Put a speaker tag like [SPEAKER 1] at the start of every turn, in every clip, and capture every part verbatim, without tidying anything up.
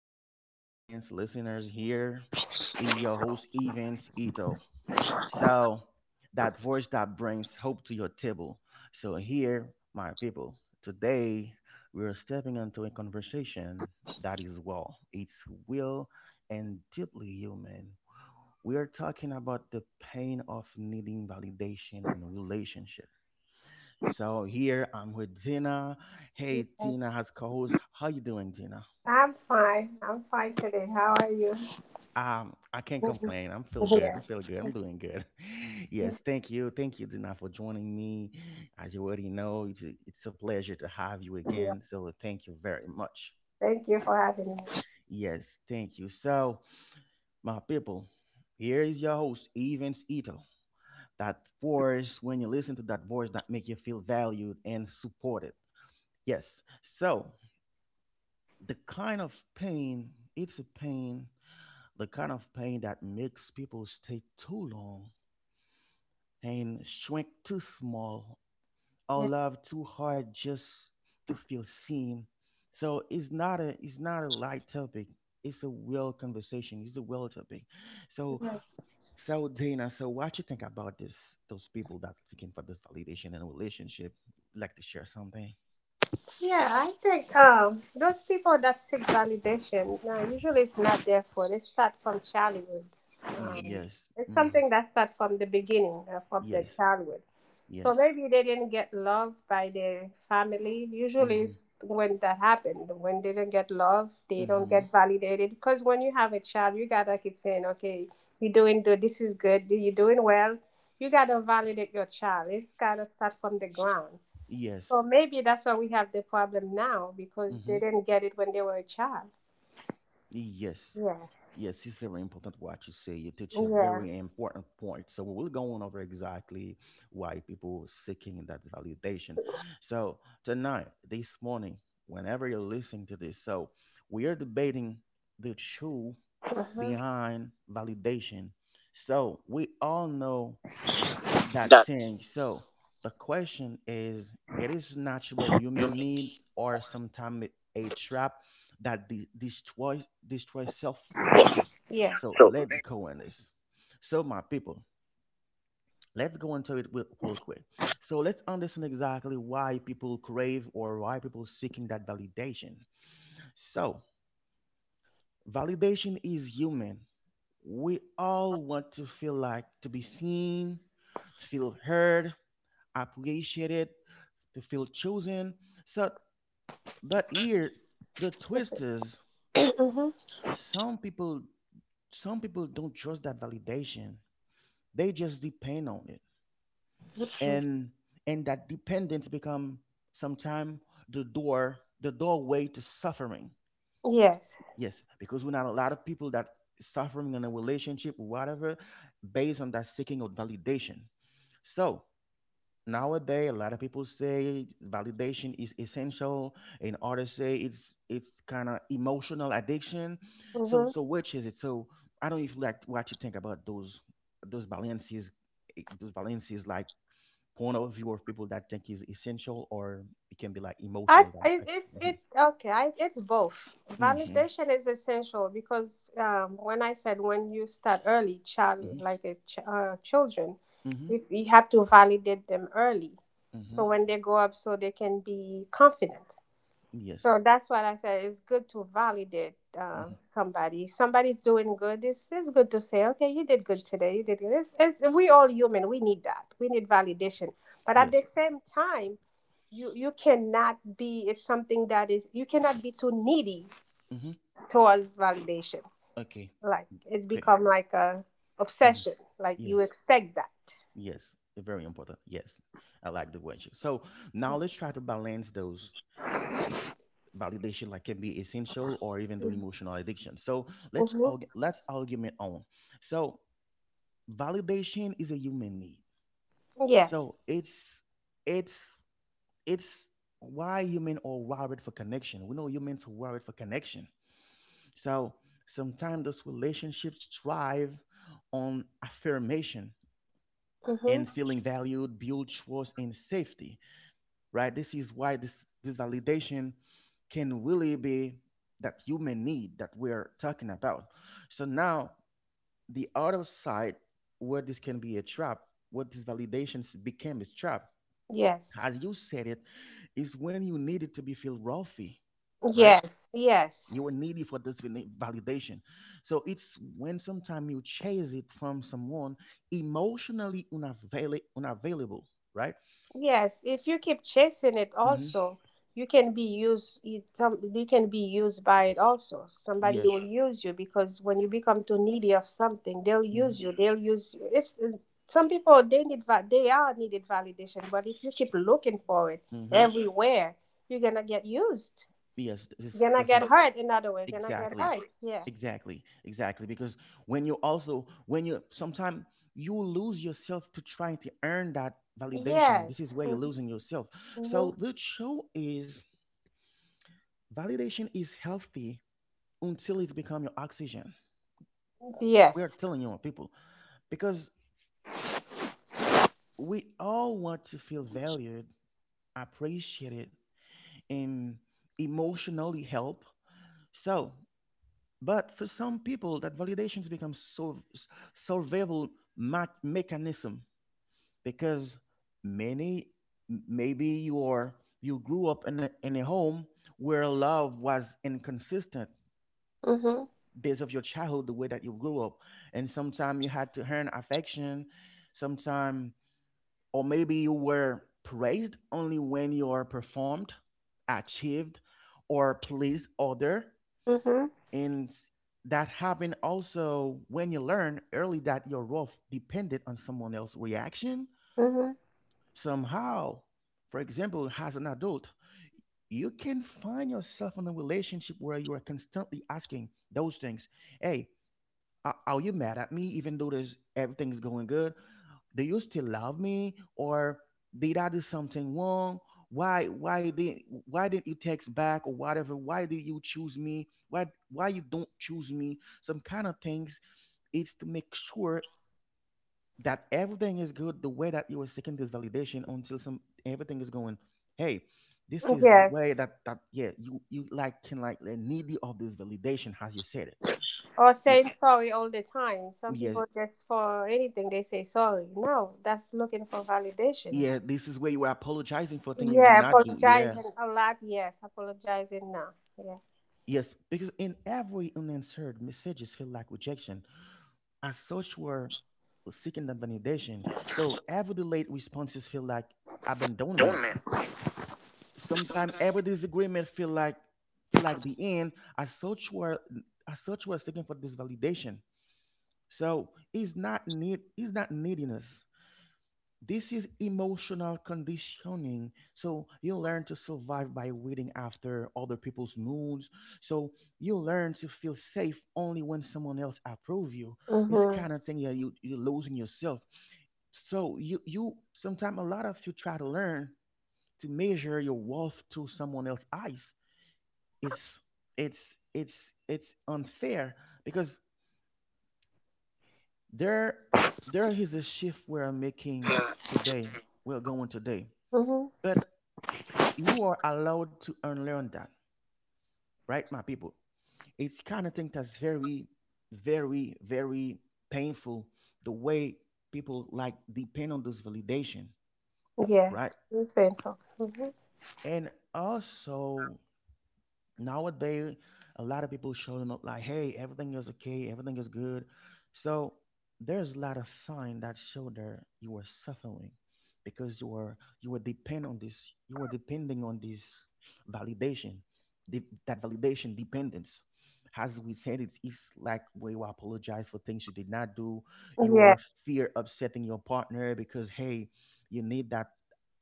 [SPEAKER 1] Family, friends, listeners, here is your host, Evans Ito. So, that voice that brings hope to your table. So, here, my people, today we are stepping into a conversation that is well, it's real and deeply human. We are talking about the pain of needing validation in relationships, so here I'm with Dina.
[SPEAKER 2] Yes,
[SPEAKER 1] Hey, Dina has co-host. How you doing, Dina?
[SPEAKER 2] I'm fine. I'm fine today. How are you?
[SPEAKER 1] Um, I can't complain. I'm feeling
[SPEAKER 2] Yeah.
[SPEAKER 1] good. I'm feeling good. I'm doing good. Yes, thank you, thank you, Dina, for joining me. As you already know, it's a, it's a pleasure to have you
[SPEAKER 2] Yeah.
[SPEAKER 1] again. So thank you very much.
[SPEAKER 2] Thank you for having me.
[SPEAKER 1] Yes, thank you. So, my people, here is your host, Evans Ito. That voice, when you listen to that voice, that make you feel valued and supported. Yes. So the kind of pain it's a pain the kind of pain that makes people stay too long and shrink too small or love too hard just to feel seen. So it's not a it's not a light topic. It's a real conversation, it's a real topic. So
[SPEAKER 2] Yeah.
[SPEAKER 1] so Dana, so what you think about this, those people that looking for this validation in a relationship, like to share something?
[SPEAKER 2] Yeah, I think um, those people that seek validation uh, usually it's not their fault. They start from childhood.
[SPEAKER 1] Mm,
[SPEAKER 2] Um,
[SPEAKER 1] yes,
[SPEAKER 2] it's
[SPEAKER 1] mm,
[SPEAKER 2] something that starts from the beginning, uh, from their
[SPEAKER 1] yes,
[SPEAKER 2] childhood. So
[SPEAKER 1] yes,
[SPEAKER 2] maybe they didn't get love by their family. Usually,
[SPEAKER 1] mm-hmm,
[SPEAKER 2] it's when that happened, when they don't get love, they don't
[SPEAKER 1] mm-hmm.
[SPEAKER 2] get validated. Because when you have a child, you gotta keep saying, "Okay, you're doing good. This is good. You're doing well." You gotta validate your child. It's gotta start from the ground. So
[SPEAKER 1] Yes.
[SPEAKER 2] maybe that's why we have the problem now because
[SPEAKER 1] Mm-hmm.
[SPEAKER 2] they didn't get it when they were a child.
[SPEAKER 1] Yes.
[SPEAKER 2] Yeah.
[SPEAKER 1] Yes, it's very important what you say. You touch a
[SPEAKER 2] Yeah.
[SPEAKER 1] very important point. So we will go over exactly why people seeking that validation. So tonight, this morning, whenever you're listening to this, so we are debating the truth
[SPEAKER 2] Uh-huh.
[SPEAKER 1] behind validation. So we all know that thing. So the question is, it is natural human need or sometimes a trap that de- destroys destroys self worth.
[SPEAKER 2] Yeah.
[SPEAKER 1] So let's go on this. So my people, let's go into it real, real quick. So let's understand exactly why people crave or why people seeking that validation. So validation is human. We all want to feel like to be seen, feel heard, appreciated, to feel chosen. So, but here the twist is some people some people don't trust that validation. They just depend on it,
[SPEAKER 2] Hmm.
[SPEAKER 1] and and that dependence become sometime the door the doorway to suffering.
[SPEAKER 2] Yes.
[SPEAKER 1] Yes, because we know a lot of people that suffering in a relationship, whatever, based on that seeking of validation. So nowadays a lot of people say validation is essential and others say it's it's kind of emotional addiction. So
[SPEAKER 2] Mm-hmm.
[SPEAKER 1] so which is it? So I don't even like what you think about those those balances, eh, those balances, like point of view of people that think is essential or it can be like
[SPEAKER 2] I,
[SPEAKER 1] emotional value,
[SPEAKER 2] I
[SPEAKER 1] like,
[SPEAKER 2] it's
[SPEAKER 1] mm-hmm,
[SPEAKER 2] it okay. I, it's both.
[SPEAKER 1] mm-hmm,
[SPEAKER 2] Validation is essential because um, when I said when you start early,
[SPEAKER 1] mm-hmm,
[SPEAKER 2] child like a ch- uh, children,
[SPEAKER 1] mm-hmm,
[SPEAKER 2] if you have to validate them early,
[SPEAKER 1] mm-hmm,
[SPEAKER 2] so when they grow up, so they can be confident.
[SPEAKER 1] yes,
[SPEAKER 2] So that's what I said. It's good to validate uh,
[SPEAKER 1] mm-hmm,
[SPEAKER 2] somebody. Somebody's doing good. It's, it's good to say, okay, you did good today. You did good. It's, it's, we all human. We need that. We need validation. But at the
[SPEAKER 1] yes,
[SPEAKER 2] same time, you you cannot be. It's something that is. You cannot be too needy
[SPEAKER 1] mm-hmm,
[SPEAKER 2] towards validation.
[SPEAKER 1] okay,
[SPEAKER 2] Like it
[SPEAKER 1] great,
[SPEAKER 2] become like a
[SPEAKER 1] mm-hmm,
[SPEAKER 2] obsession. Like you
[SPEAKER 1] yes.
[SPEAKER 2] expect that.
[SPEAKER 1] Yes, very important. Yes, I like the question. So now let's try to balance those validation, like can be essential or even the
[SPEAKER 2] Mm-hmm.
[SPEAKER 1] emotional addiction. So let's arg- let's argument on. So validation is a human need.
[SPEAKER 2] Yes.
[SPEAKER 1] So it's it's it's why human are wired for connection. We know humans are wired for connection. So sometimes those relationships thrive on affirmation
[SPEAKER 2] Mm-hmm.
[SPEAKER 1] and feeling valued, build trust and safety, right? This is why this this validation can really be that human need that we're talking about. So now the other side where this can be a trap, what this validation s- became a trap,
[SPEAKER 2] Yes.
[SPEAKER 1] as you said it, is when you need it to be feel wealthy, right?
[SPEAKER 2] Yes. Yes.
[SPEAKER 1] You are needy for this vali- validation. So it's when sometimes you chase it from someone emotionally unavail- unavailable, right?
[SPEAKER 2] Yes, if you keep chasing it
[SPEAKER 1] Hmm.
[SPEAKER 2] also, you can be used you, some, you can be used by it also. Somebody will
[SPEAKER 1] Yes.
[SPEAKER 2] use you because when you become too needy of something, they'll use you. They'll use you. It's uh, some people they need va- they are needed validation, but if you keep looking for it
[SPEAKER 1] Hmm.
[SPEAKER 2] everywhere, you're gonna get used.
[SPEAKER 1] Yes, this is
[SPEAKER 2] You're gonna
[SPEAKER 1] this
[SPEAKER 2] get
[SPEAKER 1] is
[SPEAKER 2] hurt another way. You're gonna get
[SPEAKER 1] exactly,
[SPEAKER 2] hurt. Yeah.
[SPEAKER 1] exactly, exactly. Because when you also when you sometimes you lose yourself to try to earn that validation. This
[SPEAKER 2] Yes.
[SPEAKER 1] is where you're losing yourself.
[SPEAKER 2] Mm-hmm.
[SPEAKER 1] So the show is validation is healthy until it becomes your oxygen. We are
[SPEAKER 2] Yes.
[SPEAKER 1] telling you people because we all want to feel valued, appreciated, and emotionally helped. So but for some people, that validations become so survival ma- mechanism because many maybe you are, you grew up in a, in a home where love was inconsistent,
[SPEAKER 2] Mm-hmm.
[SPEAKER 1] based of your childhood, the way that you grew up, and sometimes you had to earn affection, sometime, or maybe you were praised only when you are performed, achieved, or pleased other,
[SPEAKER 2] Mm-hmm.
[SPEAKER 1] and that happened also when you learn early that your role depended on someone else's reaction
[SPEAKER 2] Mm-hmm.
[SPEAKER 1] somehow. For example, as an adult, you can find yourself in a relationship where you are constantly asking those things, hey, are, are you mad at me even though there's everything's going good? Do you still love me or did I do something wrong? Why why did why didn't you text back or whatever? Why did you choose me? Why why you don't choose me? Some kind of things. It's to make sure that everything is good the way that you are seeking this validation until some everything is going, hey, this is
[SPEAKER 2] Yes.
[SPEAKER 1] way that that yeah you you like can like the needy of this validation as you said it.
[SPEAKER 2] Or
[SPEAKER 1] Yeah.
[SPEAKER 2] saying sorry all the time. Some
[SPEAKER 1] Yes.
[SPEAKER 2] people just for anything they say sorry. No, that's looking for validation.
[SPEAKER 1] Yeah, this is where you are apologizing for thing you did
[SPEAKER 2] Yeah,
[SPEAKER 1] not do. Yeah.
[SPEAKER 2] apologizing a lot. Yes, apologizing now. Yeah.
[SPEAKER 1] Yes, because in every unanswered messages feel like rejection. As such, we're seeking that validation. So every delayed responses feel like abandonment. Sometimes every disagreement feel like feel like the end. As such, we're as such we're seeking for this validation. So it's not need it's not neediness. This is emotional conditioning. So you learn to survive by waiting after other people's moods. So you learn to feel safe only when someone else approve you. It's
[SPEAKER 2] Mhm.
[SPEAKER 1] kind of thing that you you're losing yourself. So you you sometimes a lot of you try to learn to measure your worth to someone else's eyes. It's it's it's it's unfair because there there is a shift we're making today. We're going today.
[SPEAKER 2] Mhm.
[SPEAKER 1] But you are allowed to unlearn that, right, my people? It's kind of thing that's very, very, very painful. The way people like depend on this validation, right?
[SPEAKER 2] Yes, it's painful. Mhm.
[SPEAKER 1] And also, nowadays a lot of people showing up like, hey, everything is okay, everything is good. So there's a lot of sign that show there you are suffering because you are you are depend on this you are depending on this validation, the, that validation dependence, as we said, it's, it's like where you apologize for things you did not do,
[SPEAKER 2] Yeah.
[SPEAKER 1] your fear upsetting your partner because, hey, you need that.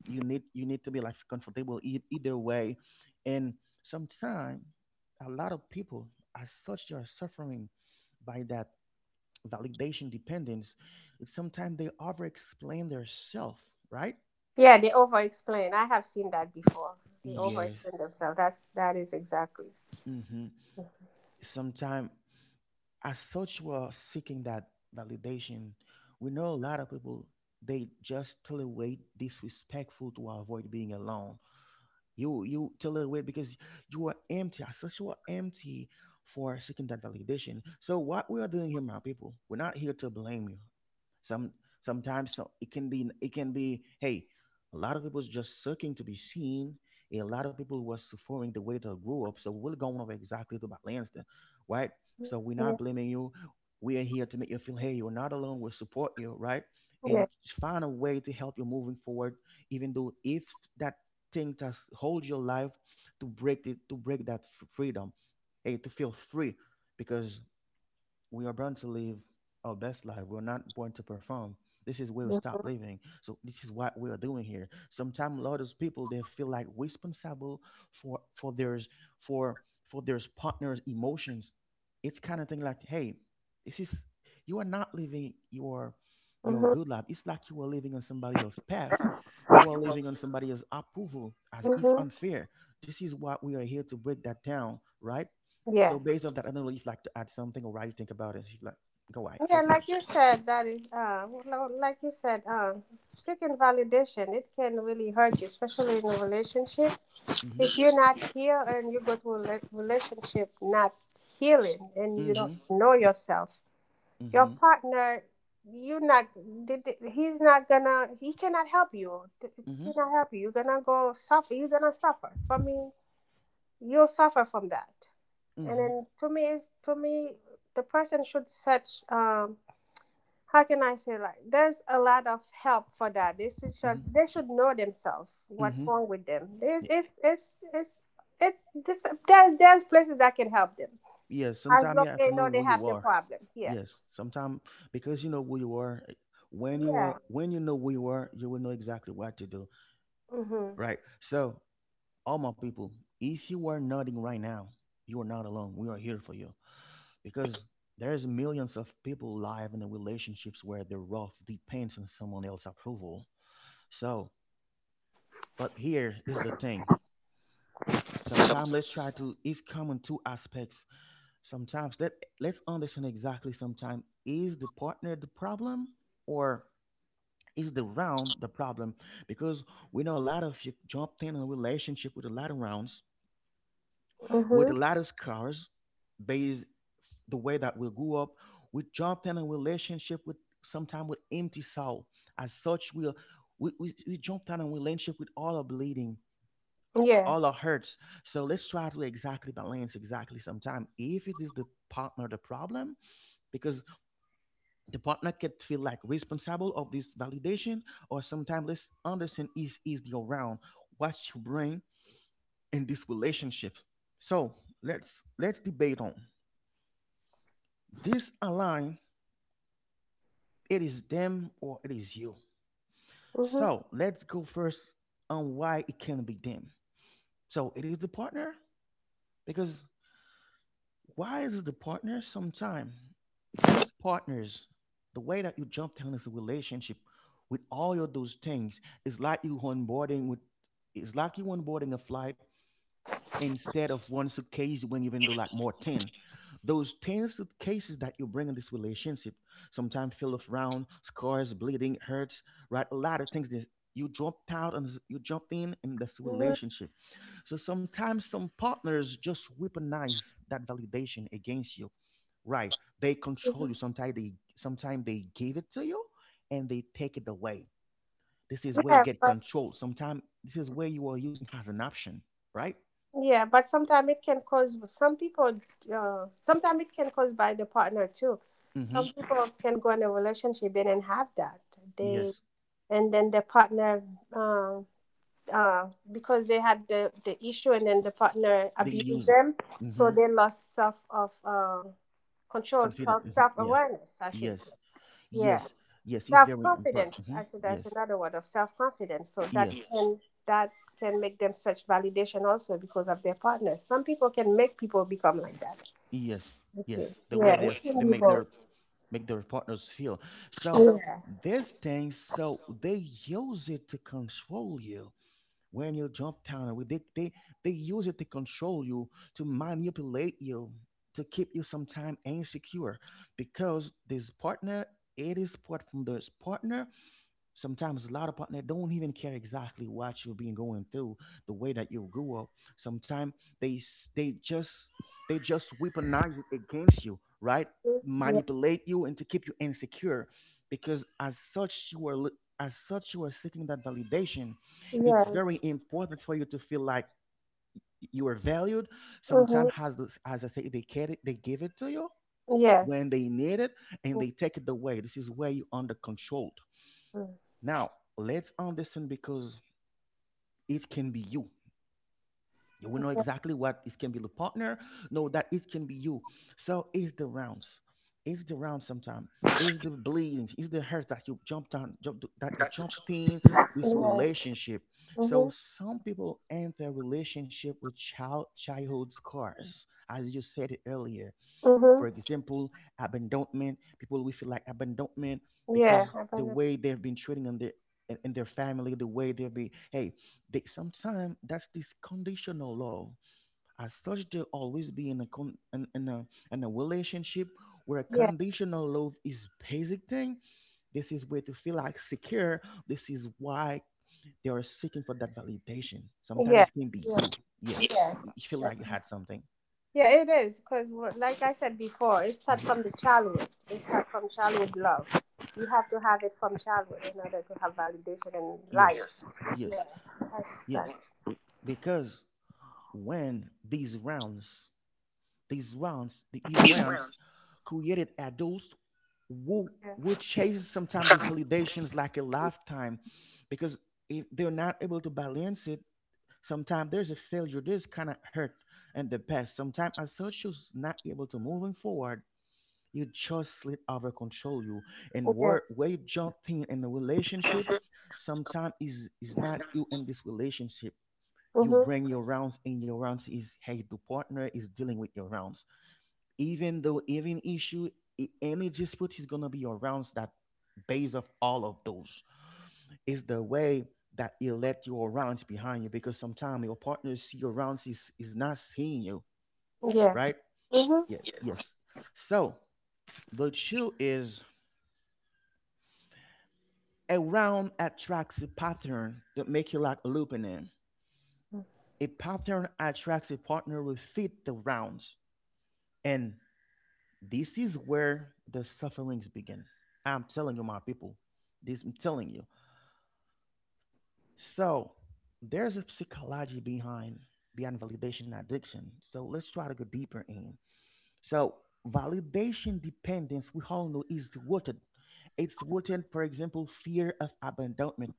[SPEAKER 1] you need You need to be like comfortable e- either way. And sometimes a lot of people, as such, they are suffering by that validation dependence. Sometimes they over explain their self, right?
[SPEAKER 2] Yeah, they over-explain. I have seen that before. They
[SPEAKER 1] Yes.
[SPEAKER 2] over-explain themselves. That's that is exactly.
[SPEAKER 1] Mm-hmm.
[SPEAKER 2] Mhm.
[SPEAKER 1] Sometimes, as such, we are seeking that validation. We know a lot of people, they just tolerate disrespectful to avoid being alone. You you tell it away because you are empty. As such, you are empty for seeking that validation. So what we are doing here, my people, we're not here to blame you. some Sometimes so it can be it can be, hey, a lot of people's just seeking to be seen, a lot of people was suffering the way they grew up, so we're going over exactly to balance them, right? So we're
[SPEAKER 2] Yeah.
[SPEAKER 1] not blaming you. We are here to make you feel, hey, you're not alone, we'll support you, right? And
[SPEAKER 2] Yeah.
[SPEAKER 1] find a way to help you moving forward even though if that thing that holds your life, to break it, to break that f- freedom, hey, to feel free, because we are born to live our best life. We're not born to perform. This is where we stop
[SPEAKER 2] Mhm.
[SPEAKER 1] living. So this is what we are doing here. Sometimes a lot of people they feel like responsible for for theirs for for their partner's emotions. It's kind of thing like, hey, this is you are not living your your
[SPEAKER 2] Mhm.
[SPEAKER 1] good life. It's like you are living on somebody else's path. You are living on somebody else's approval as it's
[SPEAKER 2] Mhm.
[SPEAKER 1] unfair. This is what we are here to break that down, right? So
[SPEAKER 2] Yeah.
[SPEAKER 1] based on that, I don't know if you'd like to add something or what you think about it. If you'd like, go ahead, feel
[SPEAKER 2] Yeah,
[SPEAKER 1] free.
[SPEAKER 2] like you said, that is, uh, well, no, like you said, um, seeking validation, it can really hurt you, especially in a relationship.
[SPEAKER 1] Mhm,
[SPEAKER 2] If you're not here and you go to a rela- relationship not healing and you don't
[SPEAKER 1] mhm,
[SPEAKER 2] know yourself, your
[SPEAKER 1] mhm,
[SPEAKER 2] partner, you not, did- did- he's not gonna, he cannot help you. Th- He
[SPEAKER 1] mhm,
[SPEAKER 2] cannot help you. You're gonna go suffer. You're gonna suffer. For me, you'll suffer from that. And
[SPEAKER 1] mhm,
[SPEAKER 2] then to me, it's, to me, the person should set um, how can I say like there's a lot of help for that. They should
[SPEAKER 1] mhm,
[SPEAKER 2] should- they should know themselves what's
[SPEAKER 1] mhm.
[SPEAKER 2] wrong with them. There's
[SPEAKER 1] Y-
[SPEAKER 2] it's it's it's it this, there's there's places that can help them
[SPEAKER 1] Yeah,
[SPEAKER 2] as
[SPEAKER 1] sometimes you
[SPEAKER 2] long
[SPEAKER 1] have to
[SPEAKER 2] they
[SPEAKER 1] know
[SPEAKER 2] know
[SPEAKER 1] who
[SPEAKER 2] they
[SPEAKER 1] you
[SPEAKER 2] have the
[SPEAKER 1] are.
[SPEAKER 2] problem. Yeah.
[SPEAKER 1] Yes, sometimes because you know who you are, eh, when you are,
[SPEAKER 2] Yeah.
[SPEAKER 1] when you know who you are, you will know exactly what to do.
[SPEAKER 2] Mhm.
[SPEAKER 1] Right. So, all my people, if you are nodding right now, you are not alone. We are here for you because there's millions of people live in the relationships where their rough depends on someone else's approval. So but here is the thing. Sometimes let's try to it's common two aspects. Sometimes let let's understand exactly sometimes is the partner the problem or is the round the problem? Because we know a lot of you jumped in a relationship with a lot of rounds, with a
[SPEAKER 2] Mhm.
[SPEAKER 1] lot of scars, based the way that we grew up. We jumped in a relationship with sometimes with empty soul. As such, we are we, we, we jumped in a relationship with all our bleeding, all
[SPEAKER 2] Yes.
[SPEAKER 1] our hurts. So let's try to exactly balance exactly sometime if it is the partner the problem, because the partner can feel like responsible of this validation, or sometimes let's understand is is the around what you bring in this relationship. So let's let's debate on this align, it is them or it is you.
[SPEAKER 2] Mhm.
[SPEAKER 1] So let's go first on why it can be them. So it is the partner because why is the partner sometime? Those partners, the way that you jump down into relationship with all of those things is like you onboarding with, it's like you onboarding a flight, instead of one suitcase you bring even though like more ten, those ten suitcases that you bring in this relationship sometimes fill of round, scars, bleeding, hurts, right, a lot of things that you jumped out and you jumped in in this
[SPEAKER 2] Mhm.
[SPEAKER 1] relationship. So sometimes some partners just weaponize that validation against you. Right. They control you.
[SPEAKER 2] Mhm.
[SPEAKER 1] Sometimes they, sometimes they give it to you and they take it away. This is where you
[SPEAKER 2] Yeah,
[SPEAKER 1] get
[SPEAKER 2] but
[SPEAKER 1] control. Sometimes this is where you are using as an option, right?
[SPEAKER 2] yeah, but sometimes it can cause some people. Uh, sometimes it can cause by the partner too.
[SPEAKER 1] Mm-hmm.
[SPEAKER 2] Some people can go in a relationship and then have that they
[SPEAKER 1] Yes.
[SPEAKER 2] and then the partner. Um, uh, because they had the, the issue and then the partner
[SPEAKER 1] They
[SPEAKER 2] abused
[SPEAKER 1] use it.
[SPEAKER 2] them,
[SPEAKER 1] Mm-hmm.
[SPEAKER 2] so they lost self of uh control,
[SPEAKER 1] Confident.
[SPEAKER 2] self
[SPEAKER 1] Hmm.
[SPEAKER 2] self
[SPEAKER 1] Yeah.
[SPEAKER 2] awareness. I should say,
[SPEAKER 1] Yes.
[SPEAKER 2] yeah,
[SPEAKER 1] Yes. Yes. It's
[SPEAKER 2] self
[SPEAKER 1] very
[SPEAKER 2] confidence.
[SPEAKER 1] important. Hmm.
[SPEAKER 2] Actually, that's
[SPEAKER 1] Yes.
[SPEAKER 2] another word of self confidence. So that,
[SPEAKER 1] Yes.
[SPEAKER 2] yes, can that can make them search validation also because of their partners. Some people can make people become like that.
[SPEAKER 1] Yes,
[SPEAKER 2] That's
[SPEAKER 1] yes,
[SPEAKER 2] it.
[SPEAKER 1] the way
[SPEAKER 2] Yeah,
[SPEAKER 1] they
[SPEAKER 2] it can
[SPEAKER 1] they
[SPEAKER 2] be
[SPEAKER 1] make
[SPEAKER 2] both.
[SPEAKER 1] their make their partners feel. So
[SPEAKER 2] Yeah.
[SPEAKER 1] this thing, so they use it to control you when you jump down. And we- They they they use it to control you, to manipulate you, to keep you sometime insecure, because this partner, it is part from this partner. Sometimes a lot of partner don't even care exactly what you've been going through, the way that you grew up. Sometimes they s- they just they just weaponize it against you, right?
[SPEAKER 2] Yeah.
[SPEAKER 1] Manipulate you and to keep you insecure, because as such you are li- as such you are seeking that validation. It's
[SPEAKER 2] Yeah.
[SPEAKER 1] very important for you to feel like you are valued.
[SPEAKER 2] Mm-hmm.
[SPEAKER 1] Sometimes as this- as I say, they get it, they give it to you
[SPEAKER 2] Yes.
[SPEAKER 1] when they need it, and they take it away. This is where you under control
[SPEAKER 2] Mm-hmm.
[SPEAKER 1] now. Let's understand because it can be you. You will know
[SPEAKER 2] Yes.
[SPEAKER 1] exactly what it can be the partner. Know that it can be you. So it's the rounds. It's the round sometimes. It's the bleedings. It's the hurt that you jumped on, jump, that you jumped in this
[SPEAKER 2] Mm-hmm.
[SPEAKER 1] relationship. So some people enter relationship with child childhood scars, as you said it earlier,
[SPEAKER 2] Mm-hmm.
[SPEAKER 1] for example, abandonment. People will feel like abandonment
[SPEAKER 2] Yeah.
[SPEAKER 1] because the way they've been treating in their in in their family, the way they'll be, hey, they sometimes that's this conditional love. As such, they'll always be in a con, in, in a in a relationship where
[SPEAKER 2] Yeah,
[SPEAKER 1] conditional love is basic thing. This is where to feel like secure. This is why they are seeking for that validation.
[SPEAKER 2] yeah,
[SPEAKER 1] Sometimes it can be
[SPEAKER 2] yeah,
[SPEAKER 1] you. Yes,
[SPEAKER 2] yeah.
[SPEAKER 1] you feel like
[SPEAKER 2] That
[SPEAKER 1] you had
[SPEAKER 2] is-
[SPEAKER 1] something.
[SPEAKER 2] Yeah, it is because, like I said before, it starts
[SPEAKER 1] Mhm.
[SPEAKER 2] from the childhood. It starts from childhood love. You have to have it from childhood in order to have validation in
[SPEAKER 1] Yes,
[SPEAKER 2] life. Yeah,
[SPEAKER 1] yes,
[SPEAKER 2] that's that.
[SPEAKER 1] yes. Because when these rounds, these rounds, th- these rounds created adults who
[SPEAKER 2] Yeah,
[SPEAKER 1] would chase sometimes those validations like a lifetime, because if they're not able to balance it, sometimes there's a failure. This kind of hurt in the past. Sometimes as such, you're not able to moving forward. You just let over control you and
[SPEAKER 2] yeah,
[SPEAKER 1] where where you jump in in the relationship. Sometimes is is not you in this relationship, you
[SPEAKER 2] mhm,
[SPEAKER 1] bring your rounds, and your rounds is hey, the partner is dealing with your rounds, even though even issue, i- any dispute is gonna be your rounds that base of all of those is the way that you let your rounds behind you, because sometimes your partner see your rounds is is not seeing you,
[SPEAKER 2] yeah,
[SPEAKER 1] right?
[SPEAKER 2] mhm,
[SPEAKER 1] Yeah, yes. So the chill is a round attracts a pattern that make you like looping in, a pattern attracts a partner will fit the rounds, and this is where the sufferings begin. I'm telling you, my people. This I'm telling you. So there's a psychology behind behind validation addiction. So let's try to go deeper in. So validation dependence, we all know, is rooted. It's rooted, for example, fear of abandonment,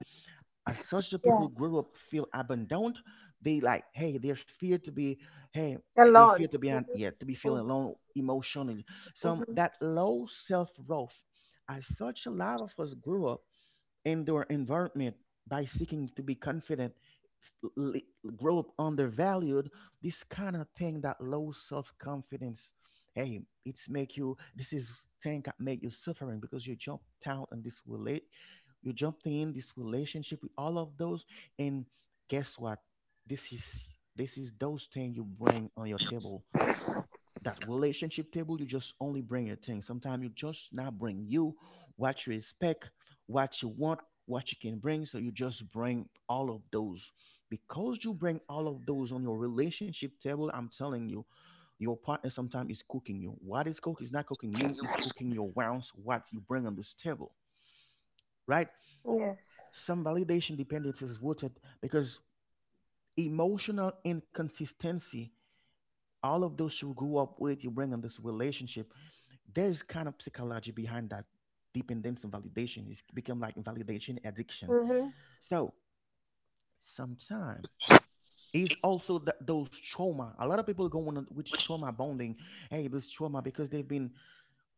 [SPEAKER 1] as such the
[SPEAKER 2] yeah.
[SPEAKER 1] people grow up feel abandoned, they like hey, they're feared to be, hey, they fear
[SPEAKER 2] Alone.
[SPEAKER 1] to be
[SPEAKER 2] Mhm,
[SPEAKER 1] on, yeah, to be feeling
[SPEAKER 2] mhm,
[SPEAKER 1] alone emotionally, some
[SPEAKER 2] mhm.
[SPEAKER 1] that low self-worth, as such a lot of us grew up in their environment by seeking to be confident, l- l- grow up undervalued, this kind of thing that low self confidence. Hey, it's make you. This is thing that make you suffering because you jumped out and this relate. You jumped in this relationship with all of those, and guess what? This is this is those things you bring on your table, that relationship table, you just only bring your thing, sometimes you just not bring you, what you expect, what you want, what you can bring, so you just bring all of those, because you bring all of those on your relationship table, I'm telling you, your partner sometimes is cooking you, what is cook is not cooking you, it's cooking your rounds, what you bring on this table, right?
[SPEAKER 2] Yes.
[SPEAKER 1] Some validation dependence is rooted because emotional inconsistency, all of those you grew up with you bring in this relationship. There's kind of psychology behind that dependence on validation. It's become like validation addiction.
[SPEAKER 2] Mhm.
[SPEAKER 1] So sometimes it's also that those trauma. A lot of people go on with trauma bonding. Hey, this trauma because they've been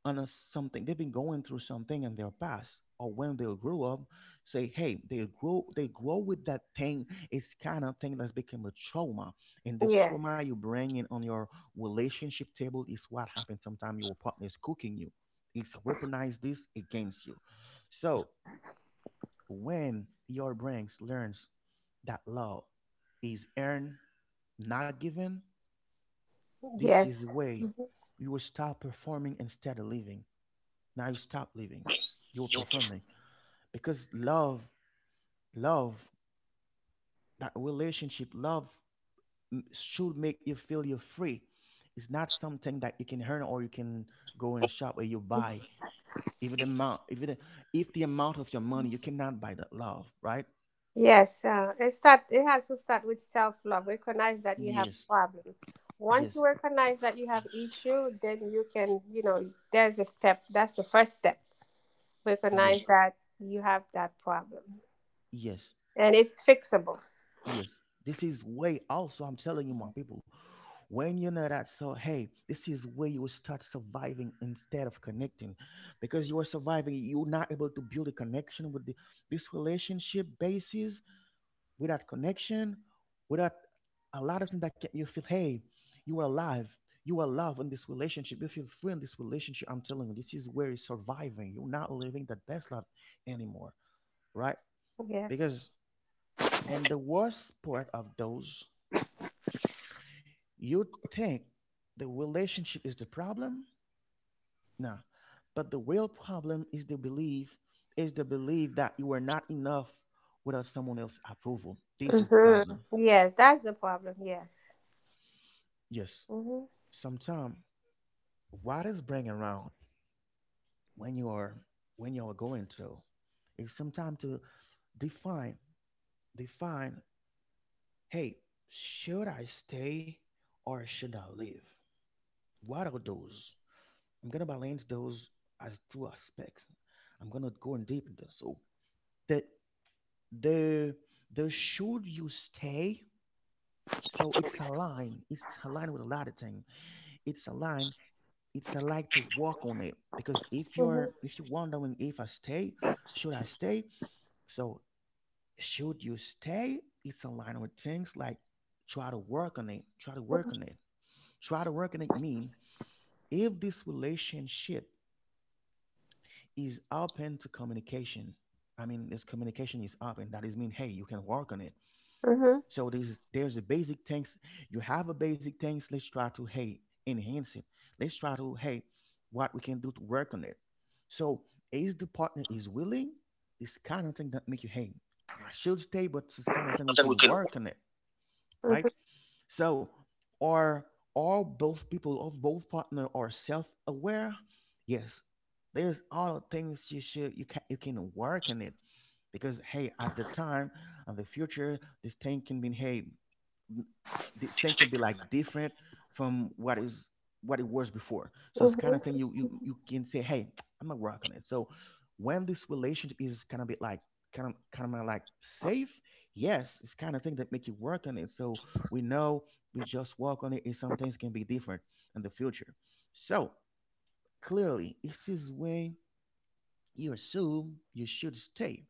[SPEAKER 1] on a something, they've been going through something in their past or when they grew up, say hey, they grow they grow with that thing, it's kind of thing that's become a trauma, and this
[SPEAKER 2] Yes.
[SPEAKER 1] trauma you bring in on your relationship table, is what happens sometimes your partner is cooking you, it's weaponize this against you. So when your brain learns that love is earned not given, this
[SPEAKER 2] Yes.
[SPEAKER 1] is the way
[SPEAKER 2] Mm-hmm,
[SPEAKER 1] you will start performing instead of living. Now you stop living, you're performing, because love love that relationship love, m- should make you feel you're free. It's not something that you can earn or you can go in a shop where you
[SPEAKER 2] mm-hmm.
[SPEAKER 1] buy. Even the amount if the, if the amount of your money, you cannot buy that love, right?
[SPEAKER 2] Yes, uh, it start. It has to start with self love. Recognize that you have
[SPEAKER 1] Yes,
[SPEAKER 2] a problem. Once
[SPEAKER 1] yes,
[SPEAKER 2] you recognize that you have issue, then you can, you know, there's a step. That's the first step. Recognize
[SPEAKER 1] yes,
[SPEAKER 2] that you have that problem,
[SPEAKER 1] yes,
[SPEAKER 2] and it's fixable.
[SPEAKER 1] yes. This is way also, I'm telling you my people, when you know that, so hey, this is where you will start surviving instead of connecting, because you are surviving, you're not able to build a connection with the, this relationship basis, without connection, without a lot of things that can you feel hey, you are alive, you are loved in this relationship, you feel free in this relationship. I'm telling you, this is where you're surviving, you're not living the best life anymore, right?
[SPEAKER 2] Yes.
[SPEAKER 1] Because, and the worst part of those, you think the relationship is the problem. Now, but the real problem is the belief, is the belief that you are not enough without someone else's approval. This is the problem.
[SPEAKER 2] Mm-hmm. Yes, that's the problem. Yes.
[SPEAKER 1] Yes.
[SPEAKER 2] Mm-hmm.
[SPEAKER 1] Sometimes what is bringing around when you are, when you are going through, is sometimes to define define, hey, should I stay or should I leave? What are those? I'm gonna balance those as two aspects. I'm gonna go in deep into this. So that the the should you stay, so it's a line, it's a line with a lot of things, it's a line, it's a like to walk on it, because if
[SPEAKER 2] Mm-hmm.
[SPEAKER 1] you're, if you're wondering if I stay, should I stay? So should you stay, it's a line with things like try to work on it, try to work on it try to work on it mean if this relationship is open to communication, I mean this communication is open, that is mean hey, you can work on it.
[SPEAKER 2] Mm-hmm.
[SPEAKER 1] So there's there's a basic things. You have a basic things. Let's try to hey, enhance it. Let's try to hey, what we can do to work on it. So is the partner is willing? This kind of thing that make you hey, I should stay, but this kind of thing we can work on it, right? So are all both people of both partner are self aware? Yes, there's all things you should, you can you can work on it, because hey, at the time and the future this thing can be hey, this thing can be like different from what is what it was before. So it's kind of thing
[SPEAKER 2] Mm-hmm.
[SPEAKER 1] you you you can say, hey, I'm gonna work on it. So when this relationship is kind of bit like kind of kind of like safe, yes, it's kind of thing that make you work on it. So we know we just work on it, and some things can be different in the future. So clearly, this is where you assume you should stay.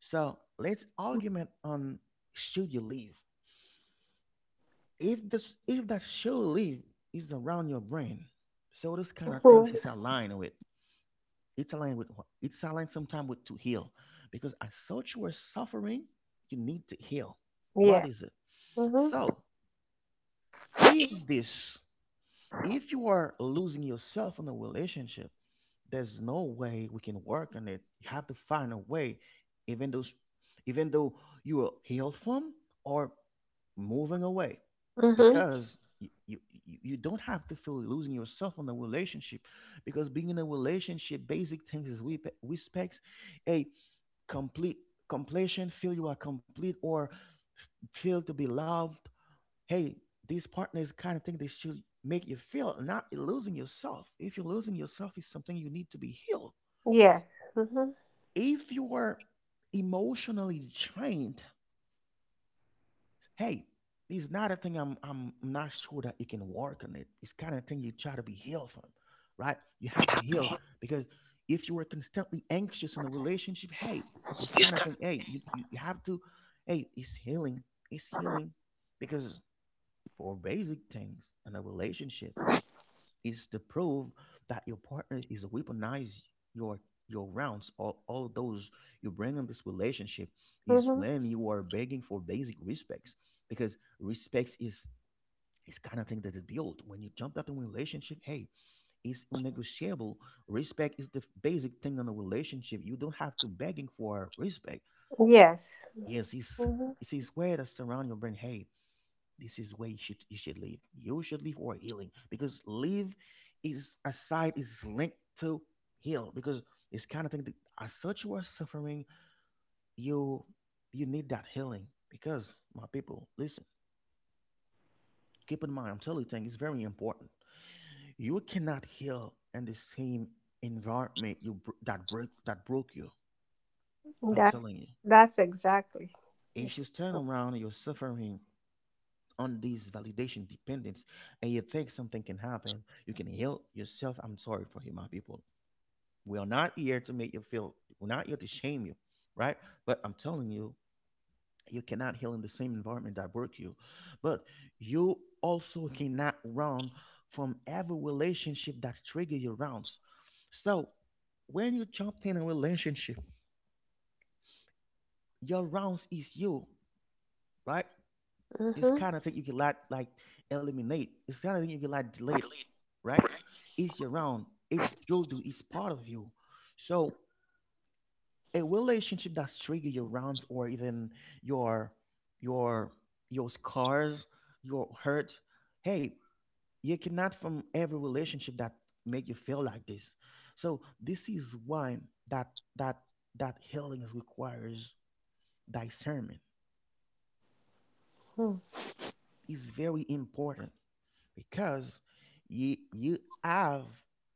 [SPEAKER 1] So let's argument on should you leave. If this if that show live is around your brain, so this kind of things
[SPEAKER 2] Mm-hmm.
[SPEAKER 1] is aligned with, it's aligned with what- it's aligned sometimes with to heal because as such you are suffering, you need to heal. What
[SPEAKER 2] Yeah.
[SPEAKER 1] is it?
[SPEAKER 2] Mm-hmm.
[SPEAKER 1] So if this, if you are losing yourself in a relationship, there's no way we can work on it. You have to find a way, even though, even though you are healed from or moving away,
[SPEAKER 2] Mm-hmm.
[SPEAKER 1] because you, you you you don't have to feel losing yourself on the relationship, because being in a relationship, basic things is we respects a complete completion, feel you are complete or feel to be loved. Hey, these partners kind of think they should make you feel not losing yourself. If you're losing yourself, it's something you need to be healed.
[SPEAKER 2] Yes. Mm-hmm.
[SPEAKER 1] If you are emotionally drained, hey, it's not a thing. I'm I'm not sure that you can work on it. It's kind of thing you try to be healed from, right? You have to heal because if you were constantly anxious in a relationship, hey, this kind of thing, hey, you, you you have to, hey, it's healing. It's healing because for basic things in a relationship is to prove that your partner is weaponize your your rounds, all, all of those you bring in this relationship is
[SPEAKER 2] Mm-hmm.
[SPEAKER 1] when you are begging for basic respects, because respects is is kind of thing that is built when you jump out in a relationship. Hey, it's unnegotiable. Respect is the basic thing in a relationship. You don't have to begging for respect.
[SPEAKER 2] Yes.
[SPEAKER 1] Yes, it's
[SPEAKER 2] Mhm.
[SPEAKER 1] it's where way that surround your brain. Hey, this is where you should you should live. You should live for healing because live is aside is linked to heal because it's kind of thing that as such you are suffering, you you need that healing because my people, listen, keep in mind I'm telling you thing, it's very important. You cannot heal in the same environment you br- that break that broke you. I'm
[SPEAKER 2] That's
[SPEAKER 1] telling you.
[SPEAKER 2] that's exactly.
[SPEAKER 1] If you turn around, and you're suffering on this validation dependence and you think something can happen, you can heal yourself. I'm sorry for you, my people. We are not here to make you feel, we're not here to shame you, right? But I'm telling you, you cannot heal in the same environment that work you. But you also cannot run from every relationship that's trigger your rounds. So when you jump in a relationship, your rounds is you, right? It's
[SPEAKER 2] Mm-hmm.
[SPEAKER 1] kind of thing you can like like eliminate. It's kind of thing you can like delete, right? It's around. It's you'll do. It's part of you. So a relationship that's trigger your rounds or even your your your scars, your hurt. Hey, you cannot from every relationship that make you feel like this. So this is why that that that healing is requires discernment. It's very important because you you have,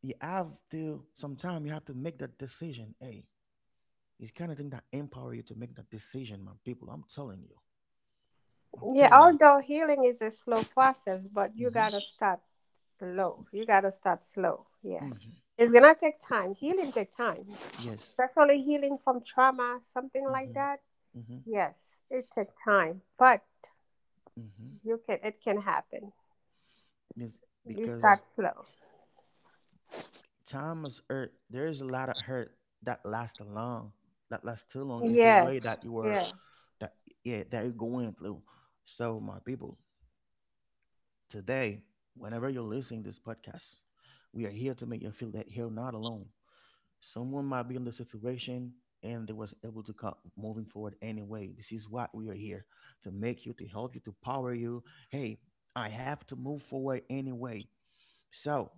[SPEAKER 1] you have to sometime you have to make that decision. Hey, it's kind of thing that empower you to make that decision, my people. I'm telling you, I'm
[SPEAKER 2] Yeah,
[SPEAKER 1] telling you.
[SPEAKER 2] although healing is a slow process, but you
[SPEAKER 1] hmm
[SPEAKER 2] gotta start low. You gotta start slow. Yeah.
[SPEAKER 1] hmm
[SPEAKER 2] It's gonna take time. Healing take time.
[SPEAKER 1] yes.
[SPEAKER 2] Especially healing from trauma, something like
[SPEAKER 1] hmm
[SPEAKER 2] that.
[SPEAKER 1] hmm
[SPEAKER 2] Yes, it takes time. But
[SPEAKER 1] hmm
[SPEAKER 2] you can it can happen.
[SPEAKER 1] yes,
[SPEAKER 2] You
[SPEAKER 1] because
[SPEAKER 2] start slow.
[SPEAKER 1] time is hurt, there is a lot of hurt that lasts long, that lasts too long is the way that
[SPEAKER 2] Yes.
[SPEAKER 1] you were,
[SPEAKER 2] Yeah.
[SPEAKER 1] that, yeah, that you're going through. So my people, today, whenever you're listening to this podcast, we are here to make you feel that you're not alone. Someone might be in the situation and they was able to come moving forward anyway. This is what we are here to make you, to help you, to power you. Hey, I have to move forward anyway. So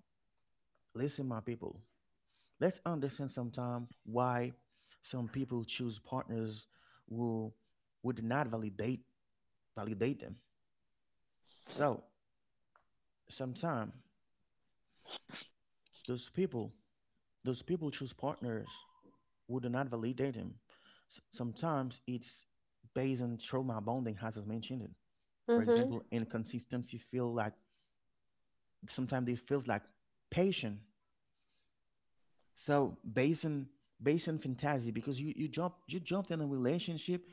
[SPEAKER 1] listen, my people. Let's understand sometime why some people choose partners who would not validate validate them. So sometime those people those people choose partners who do not validate him. S- sometimes it's based on trauma bonding, as I mentioned. It. For
[SPEAKER 2] Mm-hmm.
[SPEAKER 1] example, inconsistency feel like sometimes they feels like patient. So based on, based on fantasy, because you, you jump you jumped in a relationship.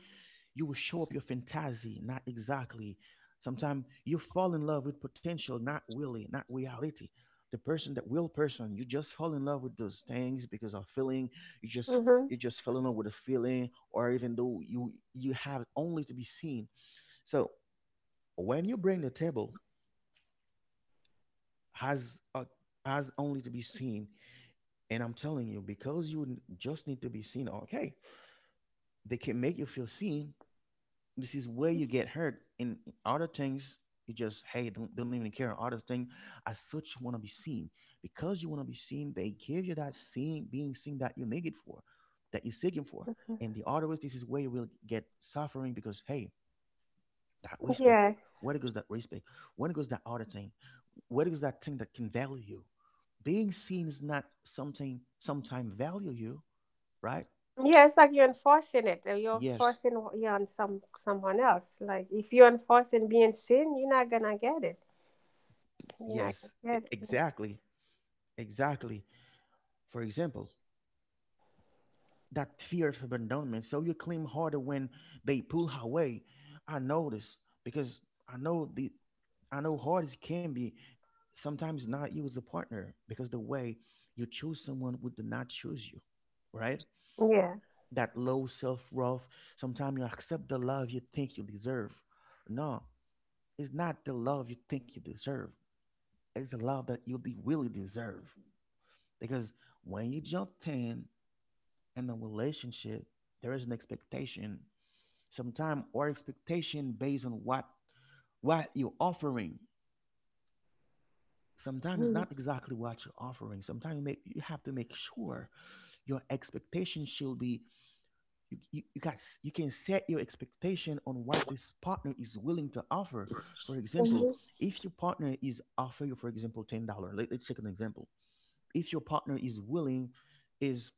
[SPEAKER 1] You will show up your fantasy, not exactly. Sometimes you fall in love with potential, not really, not reality. The person, that will person, you just fall in love with those things because of feeling. You just,
[SPEAKER 2] Mm-hmm.
[SPEAKER 1] you just fell in love with a feeling, or even though you you have only to be seen. So when you bring the table has a has only to be seen, and I'm telling you, because you n- just need to be seen, okay, they can make you feel seen. This is where you get hurt in in other things. You just, hey, don't, don't even care other thing. As such you want to be seen, because you want to be seen they give you that seeing, being seen, that you need it for, that you're seeking for. And the other ways, this is where you will get suffering because hey, that respect,
[SPEAKER 2] Yeah.
[SPEAKER 1] where goes that respect, where goes that other thing, where goes that thing that can value you. Being seen is not something sometime value you, right?
[SPEAKER 2] Yeah, it's like you're enforcing it, or you're
[SPEAKER 1] Yes.
[SPEAKER 2] enforcing what- you on some someone else. Like if you're enforcing being sin, you're not gonna get it. You're not
[SPEAKER 1] yes e-
[SPEAKER 2] gonna get it.
[SPEAKER 1] exactly exactly. For example, that fear of abandonment. So you cling harder when they pull away. I know this because I know the, I know hard as can be. Sometimes not you as a partner because the way you choose someone would not choose you, right?
[SPEAKER 2] Yeah.
[SPEAKER 1] That low self worth. Sometimes you accept the love you think you deserve. No, it's not the love you think you deserve. It's the love that you de- really deserve. Because when you jump in in a relationship, there is an expectation. Sometimes our expectation based on what what you're offering. Sometimes it's
[SPEAKER 2] Mm-hmm.
[SPEAKER 1] not exactly what you're offering. Sometimes you make, you have to make sure your expectation should be, you, you, you got, you can set your expectation on what this partner is willing to offer. For example, if your partner is offer you, for example, ten dollars, let, let's take an example. If your partner is willing, is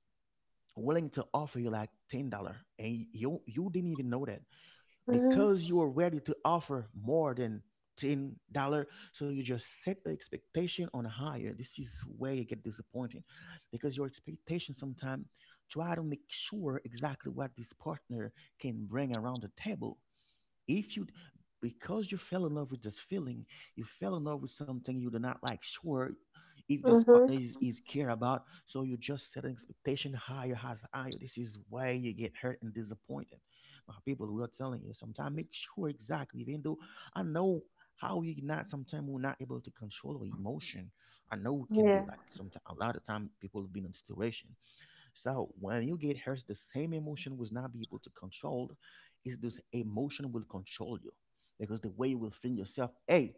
[SPEAKER 1] willing to offer you like ten dollars, and you you didn't even know that
[SPEAKER 2] Hmm.
[SPEAKER 1] because you are ready to offer more than ten dollars, so you just set the expectation on higher. This is where you get disappointed because your expectation, sometimes try to make sure exactly what this partner can bring around the table. If you, because you fell in love with this feeling, you fell in love with something you do not like. Sure, if this partner
[SPEAKER 2] Hmm.
[SPEAKER 1] is, is care about, so you just set an expectation higher, has higher. This is why you get hurt and disappointed. My people, we are telling you sometimes make sure exactly, even though I know how you not sometimes we're not able to control our emotion. I know it can be
[SPEAKER 2] Yeah.
[SPEAKER 1] like sometimes a lot of time people have been in situation. So when you get hurt, the same emotion will not be able to control. Is this emotion will control you, because the way you will feel yourself, hey,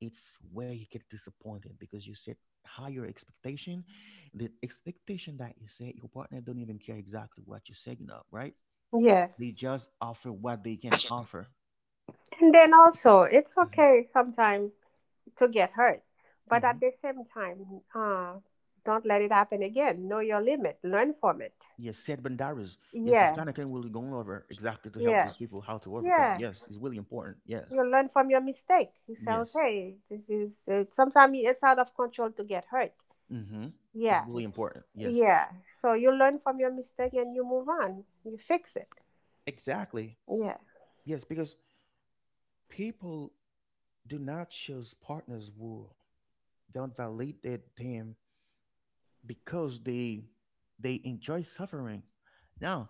[SPEAKER 1] it's where you get disappointed because you set higher expectation, the expectation that you set your partner don't even care exactly what you're setting up, right?
[SPEAKER 2] Yeah.
[SPEAKER 1] They just offer what they can offer.
[SPEAKER 2] And then also, it's
[SPEAKER 1] hmm
[SPEAKER 2] okay sometimes to get hurt, but
[SPEAKER 1] hmm
[SPEAKER 2] at the same time, uh, don't let it happen again. Know your limit. Learn from it.
[SPEAKER 1] Yes, set boundaries. Yes, it's
[SPEAKER 2] Yeah.
[SPEAKER 1] kind of thing we're going over exactly to help
[SPEAKER 2] Yeah.
[SPEAKER 1] those people how to overcome.
[SPEAKER 2] Yeah.
[SPEAKER 1] Yes, it's really important. Yes,
[SPEAKER 2] You learn from your mistake. You say,
[SPEAKER 1] yes.
[SPEAKER 2] okay, this is the, sometimes it's out of control to get hurt.
[SPEAKER 1] Mm-hmm. It's
[SPEAKER 2] Yeah,
[SPEAKER 1] really important. Yes,
[SPEAKER 2] yeah. So you learn from your mistake and you move on. You fix it.
[SPEAKER 1] exactly.
[SPEAKER 2] Yeah.
[SPEAKER 1] Yes, because people do not choose partners who don't validate them because they they enjoy suffering. Now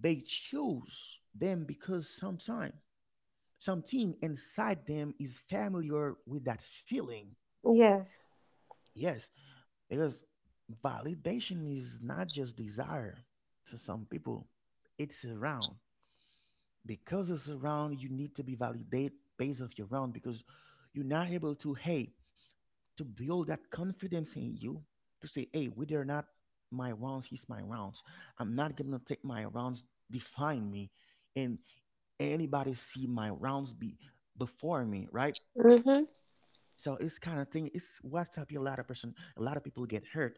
[SPEAKER 1] they choose them because sometime something inside them is familiar with that feeling.
[SPEAKER 2] Yes.
[SPEAKER 1] Yes, because validation is not just desire for some people; it's around because it's around you need to be validated based off your round because you're not able to, hey, to build that confidence in you to say, hey, whether or not my rounds is my rounds, I'm not gonna take my rounds define me, and anybody see my rounds be before me, right?
[SPEAKER 2] Mhm.
[SPEAKER 1] So it's kind of thing, it's what's up a lot of person, a lot of people get hurt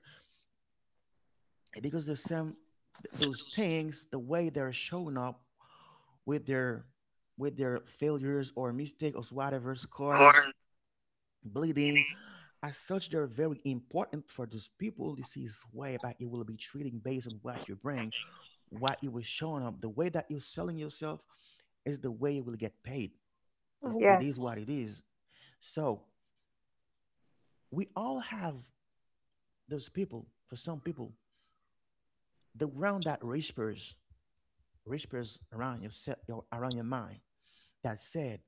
[SPEAKER 1] because the same th- those things, the way they're showing up with their with their failures or mistakes or whatever scars, bleeding. As such, they're very important for these people. This is why back you will be treating based on what you bring, what you will showing up. The way that you're selling yourself is the way you will get paid. It's, it
[SPEAKER 2] Yes.
[SPEAKER 1] is what it is. So we all have those people. For some people, the ground that whispers, whispers around your, se- your around your mind that said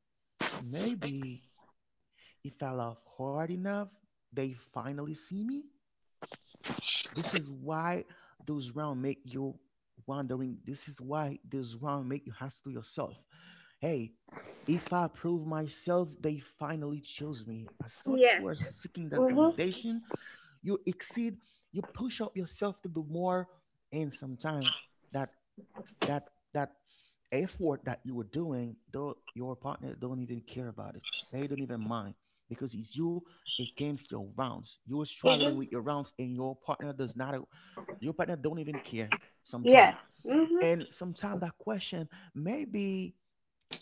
[SPEAKER 1] maybe if I laugh hard enough, they finally see me. This is why those rounds make you wondering. This is why those rounds make you ask to yourself, hey, if I prove myself, they finally choose me. As such, you are
[SPEAKER 2] Yes.
[SPEAKER 1] seeking that
[SPEAKER 2] Mhm.
[SPEAKER 1] validation. You exceed, you push up yourself to do more, and sometimes that that that effort that you were doing, though your partner don't even care about it. They don't even mind because it's you against your rounds. You are struggling with
[SPEAKER 2] Mhm.
[SPEAKER 1] your rounds, and your partner does not. Your partner don't even care sometimes.
[SPEAKER 2] Yes. Mhm.
[SPEAKER 1] And sometimes that question maybe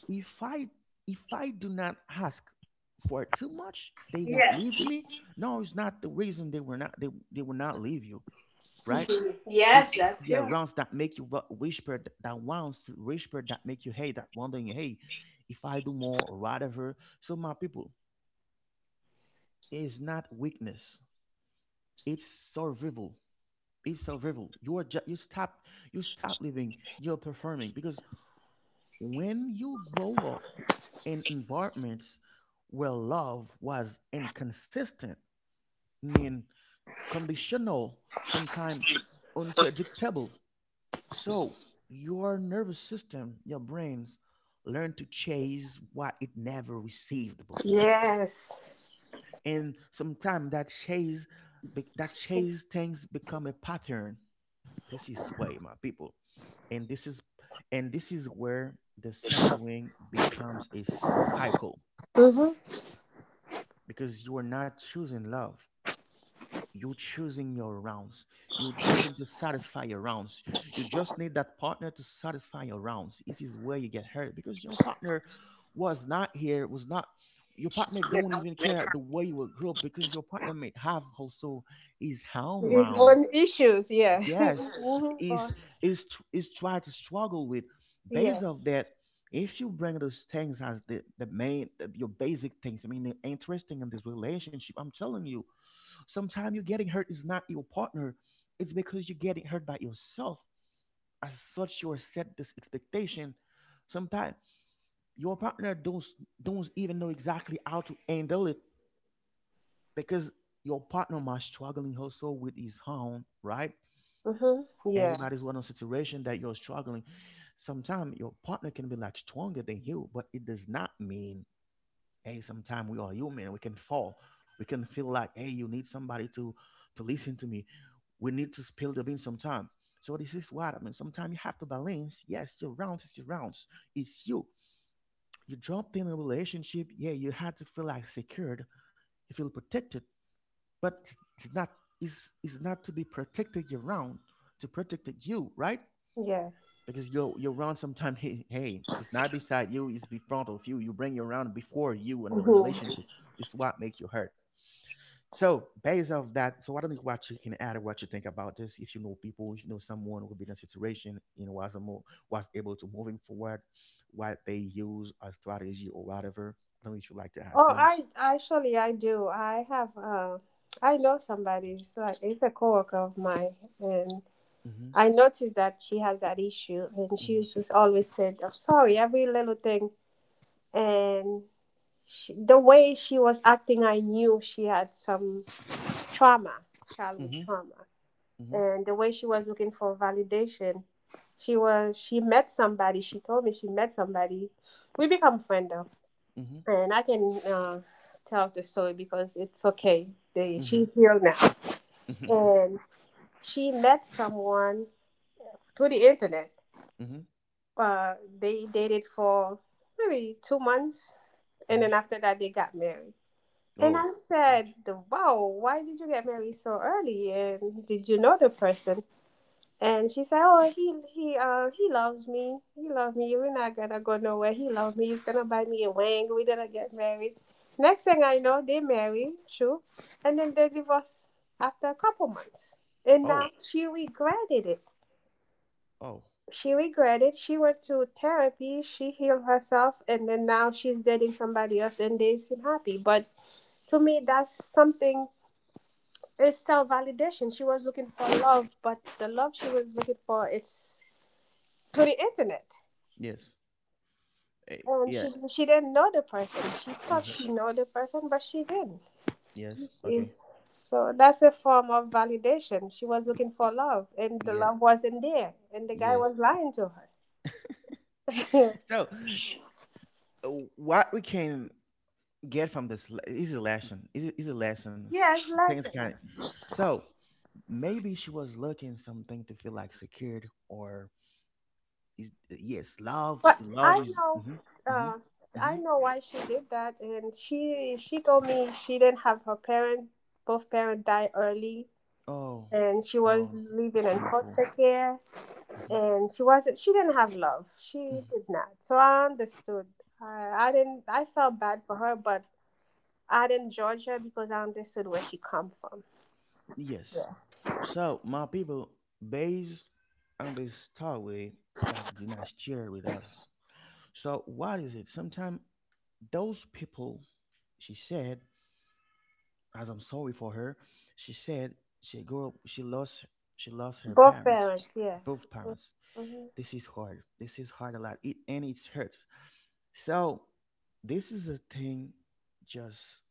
[SPEAKER 1] if I if I do not ask for too much, they won't leave
[SPEAKER 2] Yes.
[SPEAKER 1] me. No, it's not the reason they were not they they will not leave you, right?
[SPEAKER 2] Mhm. Yes,
[SPEAKER 1] It's
[SPEAKER 2] that's
[SPEAKER 1] yeah,
[SPEAKER 2] true.
[SPEAKER 1] rounds that make you wa- whisper th- that ones whisper that make you hey that wondering hey, if I do more or whatever. So my people, it's not weakness. It's survival. It's survival. You are ju- you stop you stop living. You're performing because when you grow up in environments where love was inconsistent, mean conditional, sometimes unpredictable. So your nervous system, your brains, learn to chase what it never received before,
[SPEAKER 2] Yes.
[SPEAKER 1] and sometimes that chase, be- that chase things become a pattern. This is why, my people, and this is, and this is where the suffering becomes a cycle
[SPEAKER 2] Mhm.
[SPEAKER 1] because you are not choosing love, you're choosing your rounds. You're choosing to satisfy your rounds. You just need that partner to satisfy your rounds. This is where you get hurt because your partner was not here, was not your partner don't even care the way you will grow because your partner may have also his own
[SPEAKER 2] It's
[SPEAKER 1] round.
[SPEAKER 2] on issues. Yeah. Mhm.
[SPEAKER 1] Yes,
[SPEAKER 2] Or-
[SPEAKER 1] is is tr- is try to struggle with. Based
[SPEAKER 2] Yeah.
[SPEAKER 1] of that, if you bring those things as the the main the, your basic things, I mean, the interesting in this relationship, I'm telling you sometimes you getting hurt is not your partner, it's because you're getting hurt by yourself. As such, you are set this expectation. Sometimes your partner don't don't even know exactly how to handle it because your partner might struggling also with his own, right?
[SPEAKER 2] Mhm. Yeah.
[SPEAKER 1] Everybody's one on situation that you're struggling. Sometimes your partner can be like stronger than you, but it does not mean hey, sometimes we are human, we can fall, we can feel like hey, you need somebody to to listen to me, we need to spill the bean sometime. So this is what I mean, sometimes you have to balance. Yes, your rounds is your rounds, it's you you dropped in a relationship, yeah, you had to feel like secured, you feel protected, but it's it's not, is is not to be protected your round to protect you, right?
[SPEAKER 2] Yeah.
[SPEAKER 1] Because you you run sometimes. Hey, it's not beside you. It's be of you. You bring your round before you in the
[SPEAKER 2] Mhm.
[SPEAKER 1] relationship. This is what make you hurt. So based off that, so I don't know what you can add or what you think about this. If you know people, if you know someone who been in a situation, you know was a mo- was able to moving forward, what they use as strategy or whatever. I don't know if you like to add
[SPEAKER 2] Oh,
[SPEAKER 1] some.
[SPEAKER 2] I actually I do. I have uh, I know somebody. It's like it's a coworker of mine, and
[SPEAKER 1] Mhm.
[SPEAKER 2] I noticed that she has that issue, and she
[SPEAKER 1] Mhm.
[SPEAKER 2] used to always said, "I'm sorry, every little thing," and she, the way she was acting, I knew she had some trauma, childhood
[SPEAKER 1] Mhm.
[SPEAKER 2] trauma,
[SPEAKER 1] Mhm.
[SPEAKER 2] and the way she was looking for validation, she was she met somebody. She told me she met somebody. We become friends though
[SPEAKER 1] Mhm.
[SPEAKER 2] and I can uh, tell the story because it's okay. They,
[SPEAKER 1] Mhm.
[SPEAKER 2] she healed now,
[SPEAKER 1] Mhm.
[SPEAKER 2] and she met someone through the internet.
[SPEAKER 1] Mhm.
[SPEAKER 2] Uh, they dated for maybe two months, and
[SPEAKER 1] Mhm.
[SPEAKER 2] then after that they got married. And
[SPEAKER 1] Oh.
[SPEAKER 2] I
[SPEAKER 1] Yeah.
[SPEAKER 2] said, "Wow, why did you get married so early? And did you know the person?" And she said, "Oh, he he uh, he loves me. He loves me. We're not gonna go nowhere. He loves me. He's gonna buy me a ring. We're gonna get married." Next thing I know, they marry, true, and then they divorce after a couple months. And
[SPEAKER 1] Oh.
[SPEAKER 2] now she regretted it.
[SPEAKER 1] Oh.
[SPEAKER 2] She regretted. She went to therapy. She healed herself, and then now she's dating somebody else, and they seem happy. But to me, that's something. It's self validation. She was looking for love, but the love she was looking for, it's to the internet.
[SPEAKER 1] Yes. Eh,
[SPEAKER 2] and
[SPEAKER 1] yeah.
[SPEAKER 2] she she didn't know the person. She thought she know the person, but she didn't.
[SPEAKER 1] Yes. Okay.
[SPEAKER 2] Is So that's a form of validation. She was looking for love, and the
[SPEAKER 1] Yeah.
[SPEAKER 2] love wasn't there, and the guy
[SPEAKER 1] Yes.
[SPEAKER 2] was lying to her.
[SPEAKER 1] so, uh, what we can get from this le- is a lesson. Is a- is a lesson. S-
[SPEAKER 2] Yes,
[SPEAKER 1] Things kind of.
[SPEAKER 2] lessons.
[SPEAKER 1] So maybe she was looking something to feel like secured or is, uh, yes, love.
[SPEAKER 2] But
[SPEAKER 1] Love
[SPEAKER 2] I
[SPEAKER 1] is.
[SPEAKER 2] know,
[SPEAKER 1] Hmm. Hmm.
[SPEAKER 2] uh,
[SPEAKER 1] Hmm.
[SPEAKER 2] I know why she did that, and she she told me she didn't have her parent. Both parents died early,
[SPEAKER 1] Oh,
[SPEAKER 2] and she was
[SPEAKER 1] oh, it's
[SPEAKER 2] living in
[SPEAKER 1] painful.
[SPEAKER 2] foster care,
[SPEAKER 1] Hmm.
[SPEAKER 2] and she wasn't she didn't have love. She
[SPEAKER 1] Hmm.
[SPEAKER 2] did not, so I understood. I, I didn't I felt bad for her, but I didn't judge her because I understood where she come from.
[SPEAKER 1] Yes. So my people, based on this story that did not share with us. So what is it? Sometimes those people, she said, as I'm sorry for her, she said she grew up, she lost she lost her
[SPEAKER 2] Both
[SPEAKER 1] parents,
[SPEAKER 2] parents, yeah.
[SPEAKER 1] both parents.
[SPEAKER 2] Mhm.
[SPEAKER 1] This is hard. This is hard a lot. It and it's hurt. So this is a thing just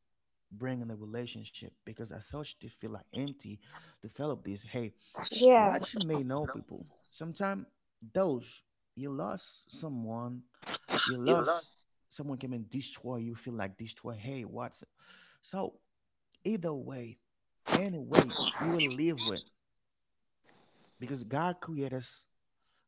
[SPEAKER 1] bringing the relationship because as such to feel like empty, develop this. Hey,
[SPEAKER 2] Yeah,
[SPEAKER 1] what you may know people. Sometimes those you lost someone, you lost someone came and destroy you, feel like destroy. Hey, what's so either way, any way you will live with because God created us.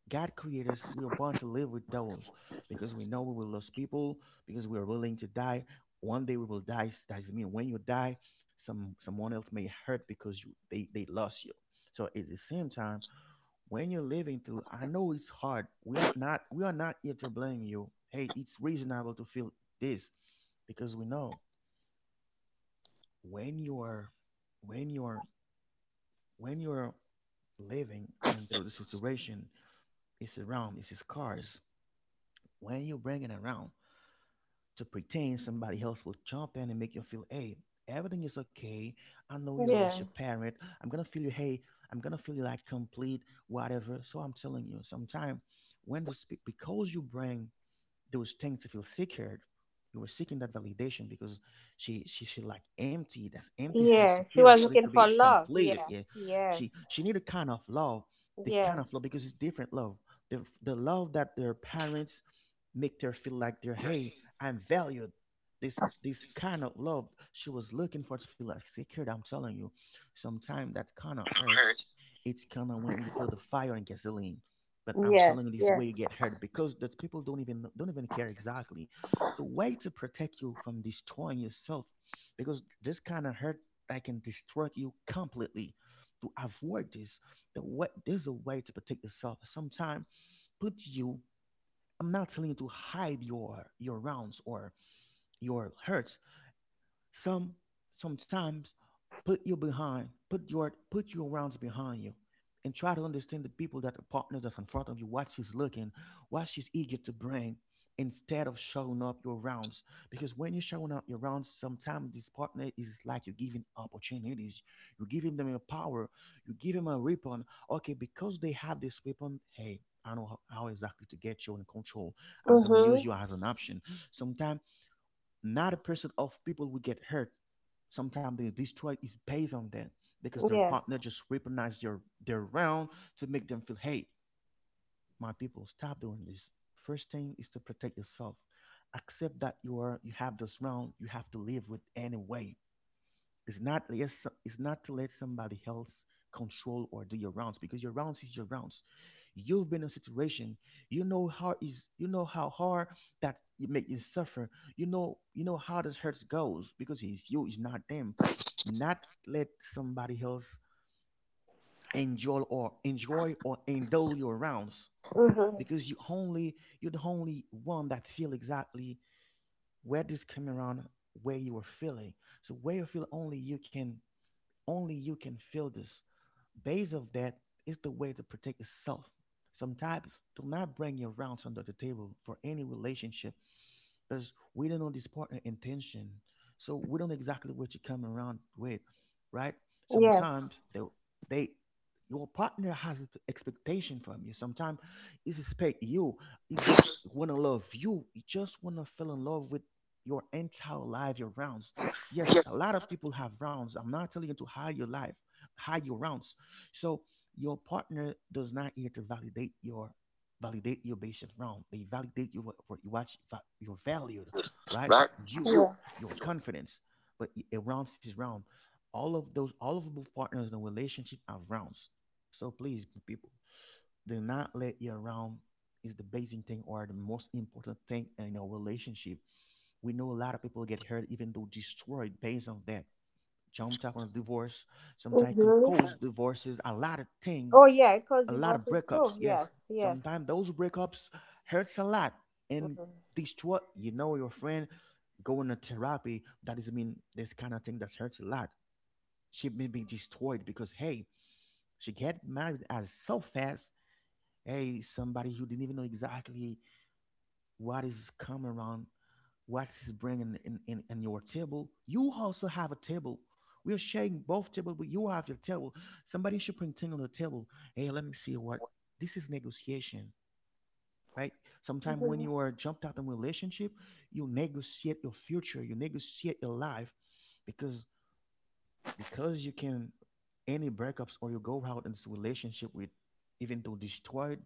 [SPEAKER 1] God created us. We are born to live with those because we know we will lose people because we are willing to die. One day we will die. That mean when you die, some someone else may hurt because you they they lost you. So at the same time, when you're living through, I know it's hard, we are not we are not here to blame you, hey, it's reasonable to feel this because we know when you are when you are when you're living and through the situation, it's around, it's scars, when you bring it around to pretend somebody else will jump in and make you feel hey, everything is okay, I know you lost
[SPEAKER 2] yeah,
[SPEAKER 1] your parent, I'm gonna feel you, hey, I'm gonna feel you like complete, whatever. So I'm telling you, sometimes when this, because you bring those things to feel secured. You were seeking that validation because she she she like empty. That's empty how she
[SPEAKER 2] yeah, she
[SPEAKER 1] feels.
[SPEAKER 2] was
[SPEAKER 1] She needs to
[SPEAKER 2] looking
[SPEAKER 1] be
[SPEAKER 2] for love.
[SPEAKER 1] completed.
[SPEAKER 2] Yeah.
[SPEAKER 1] Yeah, she
[SPEAKER 2] Yes,
[SPEAKER 1] she need a kind of love, the kind
[SPEAKER 2] yes,
[SPEAKER 1] of love because it's different love. The the love that their parents make her feel like they're hey, I'm valued. This this kind of love she was looking for to feel like secured. I'm telling you, sometimes that kind of hurts. It's kind of when you put the fire on gasoline. But I'm
[SPEAKER 2] yes,
[SPEAKER 1] telling you, this
[SPEAKER 2] yes.
[SPEAKER 1] way you get hurt because that people don't even don't even care exactly. The way to protect you from destroying yourself, because this kind of hurt that can destroy you completely. To avoid this, the way there's a way to protect yourself. Sometimes put you. I'm not telling you to hide your your rounds or your hurts. Some sometimes put you behind, put your put your rounds behind you, and try to understand the people that the partner that's in front of you, what she's looking, what she's eager to bring, instead of showing up your rounds. Because when you're showing up your rounds, sometimes this partner is like you're giving opportunities, you're giving them a power, you give them a weapon. Okay, because they have this weapon, hey. I know how how exactly to get you in control. I'm gonna use
[SPEAKER 2] Mhm.
[SPEAKER 1] you as an option. Sometimes not a percent of people will get hurt. Sometimes they destroy is based on that because their
[SPEAKER 2] Yes.
[SPEAKER 1] partner just weaponize their their round to make them feel, hey, my people, stop doing this. First thing is to protect yourself. Accept that you are you have this round. You have to live with anyway. It's not yes, it's not to let somebody else control or do your rounds because your rounds is your rounds. You've been in a situation, you know how is you know how hard that it make you suffer. You know you know how this hurts goes because it's you, it's not them. Not let somebody else enjoy or enjoy or indulge your rounds
[SPEAKER 2] Mhm.
[SPEAKER 1] because you only you're the only one that feel exactly where this came around, where you were feeling. So where you feel, only you can only you can feel this. Base of that is the way to protect itself. Sometimes do not bring your rounds under the table for any relationship because we don't know this partner intention. So we don't know exactly what you come around with, right?
[SPEAKER 2] Yes.
[SPEAKER 1] Sometimes they, they your partner has expectation from you. Sometimes he expect you. He just wanna love you. He just wanna fell in love with your entire life, your rounds. Yes, a lot of people have rounds. I'm not telling you to hide your life, hide your rounds. So your partner does not here to validate your validate your basis wrong. They validate you for you watch va- your valued, right? You,
[SPEAKER 2] Yeah.
[SPEAKER 1] your confidence. But it rounds is round. All of those, all of both partners in a relationship are rounds. So please, people, do not let your round is the basic thing or the most important thing in a relationship. We know a lot of people get hurt even though destroyed based on that. Jumped up on a divorce, sometimes can
[SPEAKER 2] Mhm.
[SPEAKER 1] cause divorces, a lot of things,
[SPEAKER 2] Oh yeah, it caused
[SPEAKER 1] a lot of
[SPEAKER 2] divorces too.
[SPEAKER 1] breakups. Yes,
[SPEAKER 2] Yes, yes.
[SPEAKER 1] sometimes those breakups hurts a lot and
[SPEAKER 2] Mhm.
[SPEAKER 1] destroy. You know, your friend going to therapy. That doesn't mean this kind of thing that hurts a lot. She may be destroyed because hey, she get married as so fast. Hey, somebody who didn't even know exactly what is coming around, what is bringing in, in, in your table. You also have a table. We're sharing both table, but you have your table. Somebody should bring thing on the table. Hey, let me see what this is negotiation. Right? Sometimes when
[SPEAKER 2] Mm-hmm.
[SPEAKER 1] you are jumped out of relationship, you negotiate your future, you negotiate your life, because because you can any breakups or you go out in this relationship with even though destroyed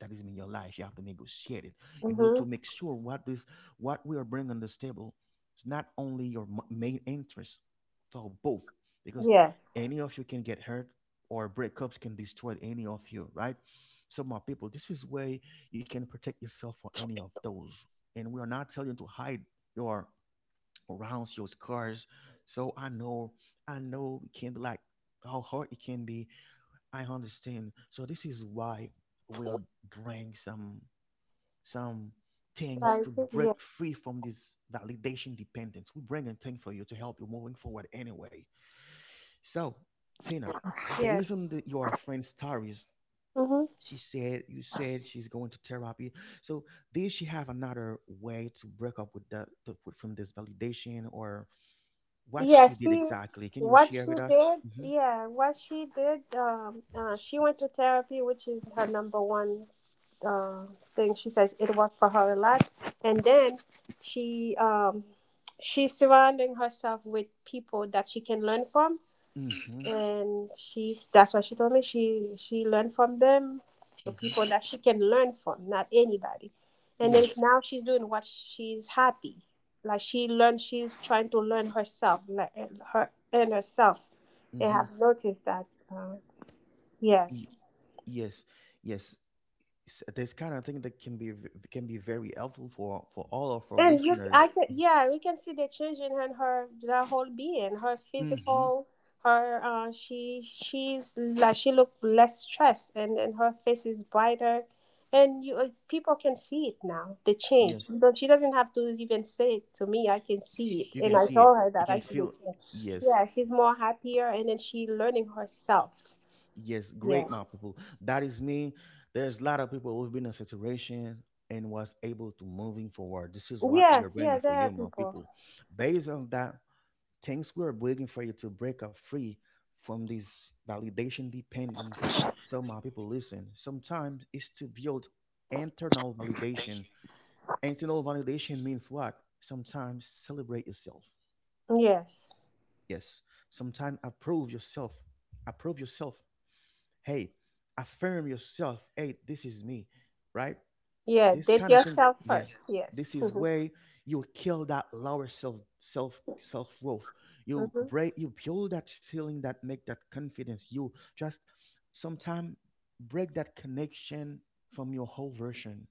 [SPEAKER 1] that is in your life you have to negotiate it you know
[SPEAKER 2] Mm-hmm.
[SPEAKER 1] to make sure what this what we are bringing on this table is not only your m- main interest for both because
[SPEAKER 2] Yes.
[SPEAKER 1] any of you can get hurt or breakups can destroy any of you, right? So my people, this is way you can protect yourself for any of those, and we are not telling you to hide your around your scars. So I know, I know it can be like how hard it can be. I understand. So this is why we are bring some some things
[SPEAKER 2] Like,
[SPEAKER 1] to break
[SPEAKER 2] yes,
[SPEAKER 1] free from this validation dependence. We bring a thing for you to help you moving forward anyway. So Tina, based
[SPEAKER 2] yes.
[SPEAKER 1] on the, your friend's stories,
[SPEAKER 2] Mm-hmm.
[SPEAKER 1] she said you said she's going to therapy. So did she have another way to break up with the to, with- from this validation or what she
[SPEAKER 2] Yes,
[SPEAKER 1] did
[SPEAKER 2] she,
[SPEAKER 1] exactly? Can you
[SPEAKER 2] what
[SPEAKER 1] share
[SPEAKER 2] she
[SPEAKER 1] with us?
[SPEAKER 2] did,
[SPEAKER 1] Mm-hmm.
[SPEAKER 2] yeah, what she did, um, uh, she went to therapy, which is her number one uh, thing. She says it worked for her a lot, and then she um, she's surrounding herself with people that she can learn from,
[SPEAKER 1] Mm-hmm.
[SPEAKER 2] and she's that's what she told me. She she learned from them, the
[SPEAKER 1] Mm-hmm.
[SPEAKER 2] people that she can learn from, not anybody. And then
[SPEAKER 1] Yes.
[SPEAKER 2] now she's doing what she's happy. Like she learned, she's trying to learn herself, like and her and herself, and
[SPEAKER 1] Mm-hmm.
[SPEAKER 2] have noticed that. Uh,
[SPEAKER 1] Y-
[SPEAKER 2] yes.
[SPEAKER 1] yes. Yes. S- This kind of thing that can be v- can be very helpful for for all of our
[SPEAKER 2] And you, I
[SPEAKER 1] listeners.
[SPEAKER 2] can, yeah, we can see the change in her, her, her, whole being, her
[SPEAKER 1] Mm-hmm.
[SPEAKER 2] physical, her, uh, she, she's like she look less stressed, and and her face is brighter, and you, uh, people can see it now, the change.
[SPEAKER 1] Yes.
[SPEAKER 2] But she doesn't have to even say it to me. I can see it,
[SPEAKER 1] You
[SPEAKER 2] and
[SPEAKER 1] can
[SPEAKER 2] I
[SPEAKER 1] see it.
[SPEAKER 2] told her
[SPEAKER 1] You
[SPEAKER 2] that I
[SPEAKER 1] can
[SPEAKER 2] see the
[SPEAKER 1] feel.
[SPEAKER 2] change. Yeah,
[SPEAKER 1] Yes.
[SPEAKER 2] she's more happier, and then she learning herself.
[SPEAKER 1] Yes.
[SPEAKER 2] Yeah.
[SPEAKER 1] Great, my people. That is me. There's a lot of people who've been in saturation and was able to moving forward. This is what we are
[SPEAKER 2] Yes. Yeah.
[SPEAKER 1] bringing for
[SPEAKER 2] There are
[SPEAKER 1] you, my
[SPEAKER 2] people.
[SPEAKER 1] people. Based on that, things we're waiting for you to break up free from this validation dependence. So my people listen. Sometimes it's to build internal validation. Internal validation means what? Sometimes celebrate yourself.
[SPEAKER 2] Yes.
[SPEAKER 1] Yes. Sometimes approve yourself. Approve yourself. Hey, affirm yourself. Hey, this is me. Right?
[SPEAKER 2] Yeah.
[SPEAKER 1] This
[SPEAKER 2] Date
[SPEAKER 1] kind of thing,
[SPEAKER 2] yourself
[SPEAKER 1] yeah.
[SPEAKER 2] first.
[SPEAKER 1] This
[SPEAKER 2] Yes.
[SPEAKER 1] is
[SPEAKER 2] Mm-hmm.
[SPEAKER 1] where you kill that lower self self self growth. You
[SPEAKER 2] Mm-hmm.
[SPEAKER 1] break you build that feeling that make that confidence. You just sometime break that connection from your whole version.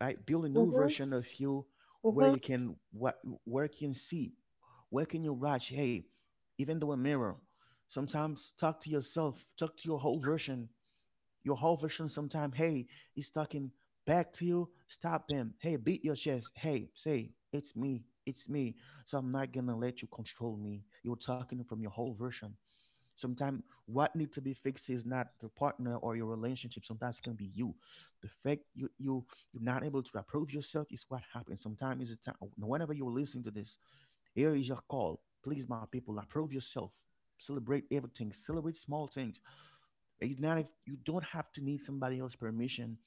[SPEAKER 1] Right? Build a new
[SPEAKER 2] Mm-hmm.
[SPEAKER 1] version of you where
[SPEAKER 2] Mhm.
[SPEAKER 1] you can what where you can see, where can you watch? Hey, even though a mirror, sometimes talk to yourself, talk to your whole version your whole version sometime, hey, he's talking back to you. Stop them. Hey, beat your chest. Hey, say, it's me. It's me. So I'm not gonna let you control me. You're talking from your whole version. Sometimes what needs to be fixed is not the partner or your relationship. Sometimes it's gonna be you. The fact you you you're not able to approve yourself is what happens. Sometimes it's a time whenever you're listening to this, here is your call. Please, my people, approve yourself. Celebrate everything. Celebrate small things. You not you don't have to need somebody else's permission.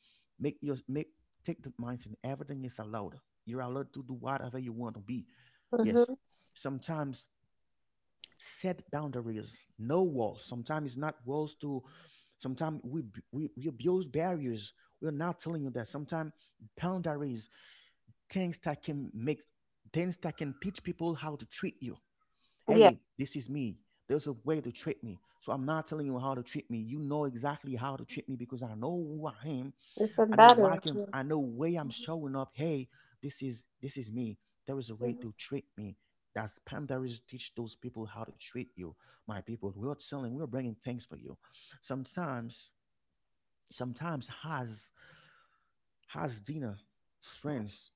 [SPEAKER 1] Make your make take the mindset. Everything is allowed. You're allowed to do whatever you want to be. Yes.
[SPEAKER 2] Mhm.
[SPEAKER 1] Sometimes set boundaries, no walls. Sometimes it's not walls to. Sometimes we b- we we build barriers. We're not telling you that. Sometimes boundaries, things that can make things that can teach people how to treat you.
[SPEAKER 2] Yeah,
[SPEAKER 1] Hey, this is me. There's a way to treat me. So I'm not telling you how to treat me. You know exactly how to treat me because I know who I am.
[SPEAKER 2] it's a
[SPEAKER 1] I know why I
[SPEAKER 2] battery.
[SPEAKER 1] can
[SPEAKER 2] Yeah.
[SPEAKER 1] I know way I'm showing up. Hey, this is this is me. There is a way
[SPEAKER 2] Mhm.
[SPEAKER 1] to treat me. That's Pam. Pandaris teach those people how to treat you. My people, we're telling, we're bringing things for you. Sometimes, sometimes has has dinner, friends.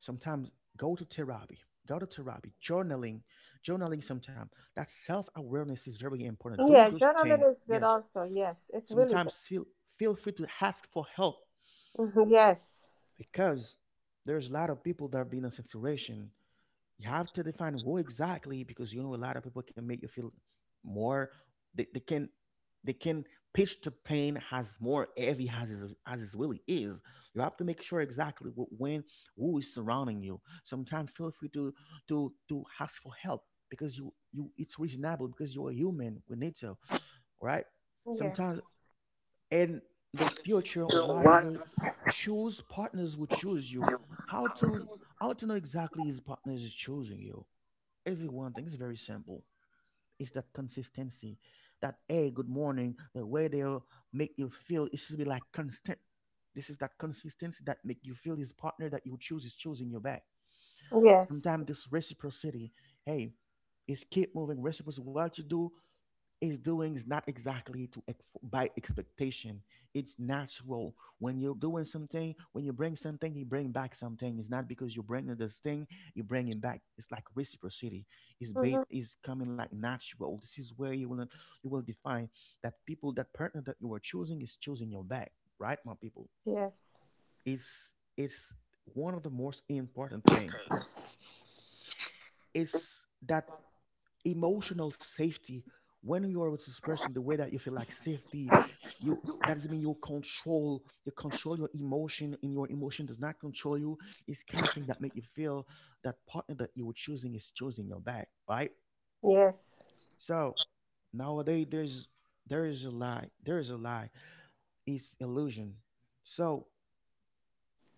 [SPEAKER 1] Sometimes go to therapy. Go to therapy. Journaling. Journaling sometimes. That self-awareness is very important. Do
[SPEAKER 2] Yeah,
[SPEAKER 1] those things.
[SPEAKER 2] journaling is good
[SPEAKER 1] Yes.
[SPEAKER 2] also. Yes, it's really
[SPEAKER 1] Sometimes
[SPEAKER 2] good.
[SPEAKER 1] feel feel free to ask for help
[SPEAKER 2] Mhm. Yes.
[SPEAKER 1] because there's a lot of people that have been in a situation you have to define who exactly because you know a lot of people can make you feel more they, they can they can pitch the pain as more heavy as is, as it really is. You have to make sure exactly what, when who is surrounding you sometimes feel free to to to ask for help because you you it's reasonable because you're a human we need to, right?
[SPEAKER 2] Yeah.
[SPEAKER 1] Sometimes in the future or whatever choose partners will choose you, how to how to know exactly his partner is choosing you is one thing. It's very simple. It's that consistency. That hey, good morning. The way they'll make you feel, it should be like constant. This is that consistency that make you feel this partner that you choose is choosing you back.
[SPEAKER 2] Yes.
[SPEAKER 1] Sometimes this reciprocity, hey, is keep moving reciprocity. What you do, is doing is not exactly to ex- by expectation. It's natural when you're doing something. When you bring something, you bring back something. It's not because you bring this thing, you bring it back. It's like reciprocity. It's ba-
[SPEAKER 2] Mhm.
[SPEAKER 1] is coming like natural. This is where you will you will define that people that partner that you are choosing is choosing your back, right, my people.
[SPEAKER 2] Yes.
[SPEAKER 1] It's it's one of the most important thing. It's that emotional safety when you are with this person the way that you feel like safety you that doesn't mean you control you control your emotion and your emotion does not control you. It's kind of thing that make you feel that partner that you were choosing is choosing your back, right?
[SPEAKER 2] Yes.
[SPEAKER 1] So nowadays there's there is a lie there is a lie, it's illusion. So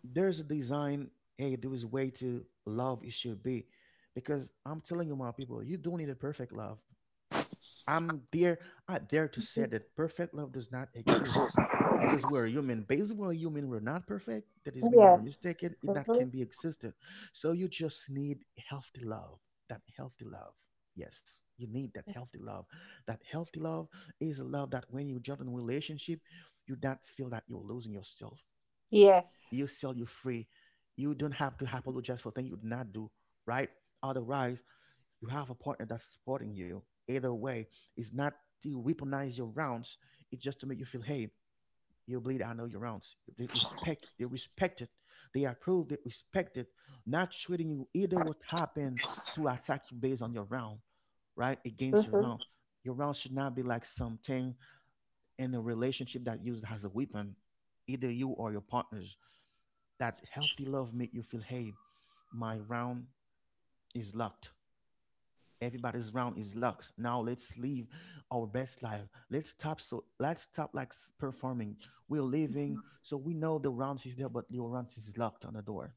[SPEAKER 1] there's a design, hey, there is way to love it should be because I'm telling you my people, you don't need a perfect love. I'm there. I dare to say
[SPEAKER 2] Mhm.
[SPEAKER 1] that perfect love does not exist because we're human. Based on human, we're not perfect. That is mean we're
[SPEAKER 2] Yes.
[SPEAKER 1] mistaken. It that
[SPEAKER 2] Mhm.
[SPEAKER 1] can be existed. So you just need healthy love. That healthy love. Yes, you need that healthy love. That healthy love is a love that when you jump in a relationship, you not feel that you're losing yourself.
[SPEAKER 2] Yes.
[SPEAKER 1] You sell you free. You don't have to apologize for things you did not do, right? Otherwise, you have a partner that's supporting you. Either way, it's not to weaponize your rounds. It's just to make you feel, hey, you bleed. I know your rounds. They respect. They respect it. They approve. They respect it. Not treating you either what happened to attack you based on your round, right? Against your
[SPEAKER 2] Mhm.
[SPEAKER 1] round. Your round should not be like something in a relationship that used as a weapon. Either you or your partners. That healthy love make you feel, hey, my round is locked. Everybody's round is locked. Now let's live our best life. Let's stop so let's stop like s- performing. We're living so we know the round is there, but the round is locked on the door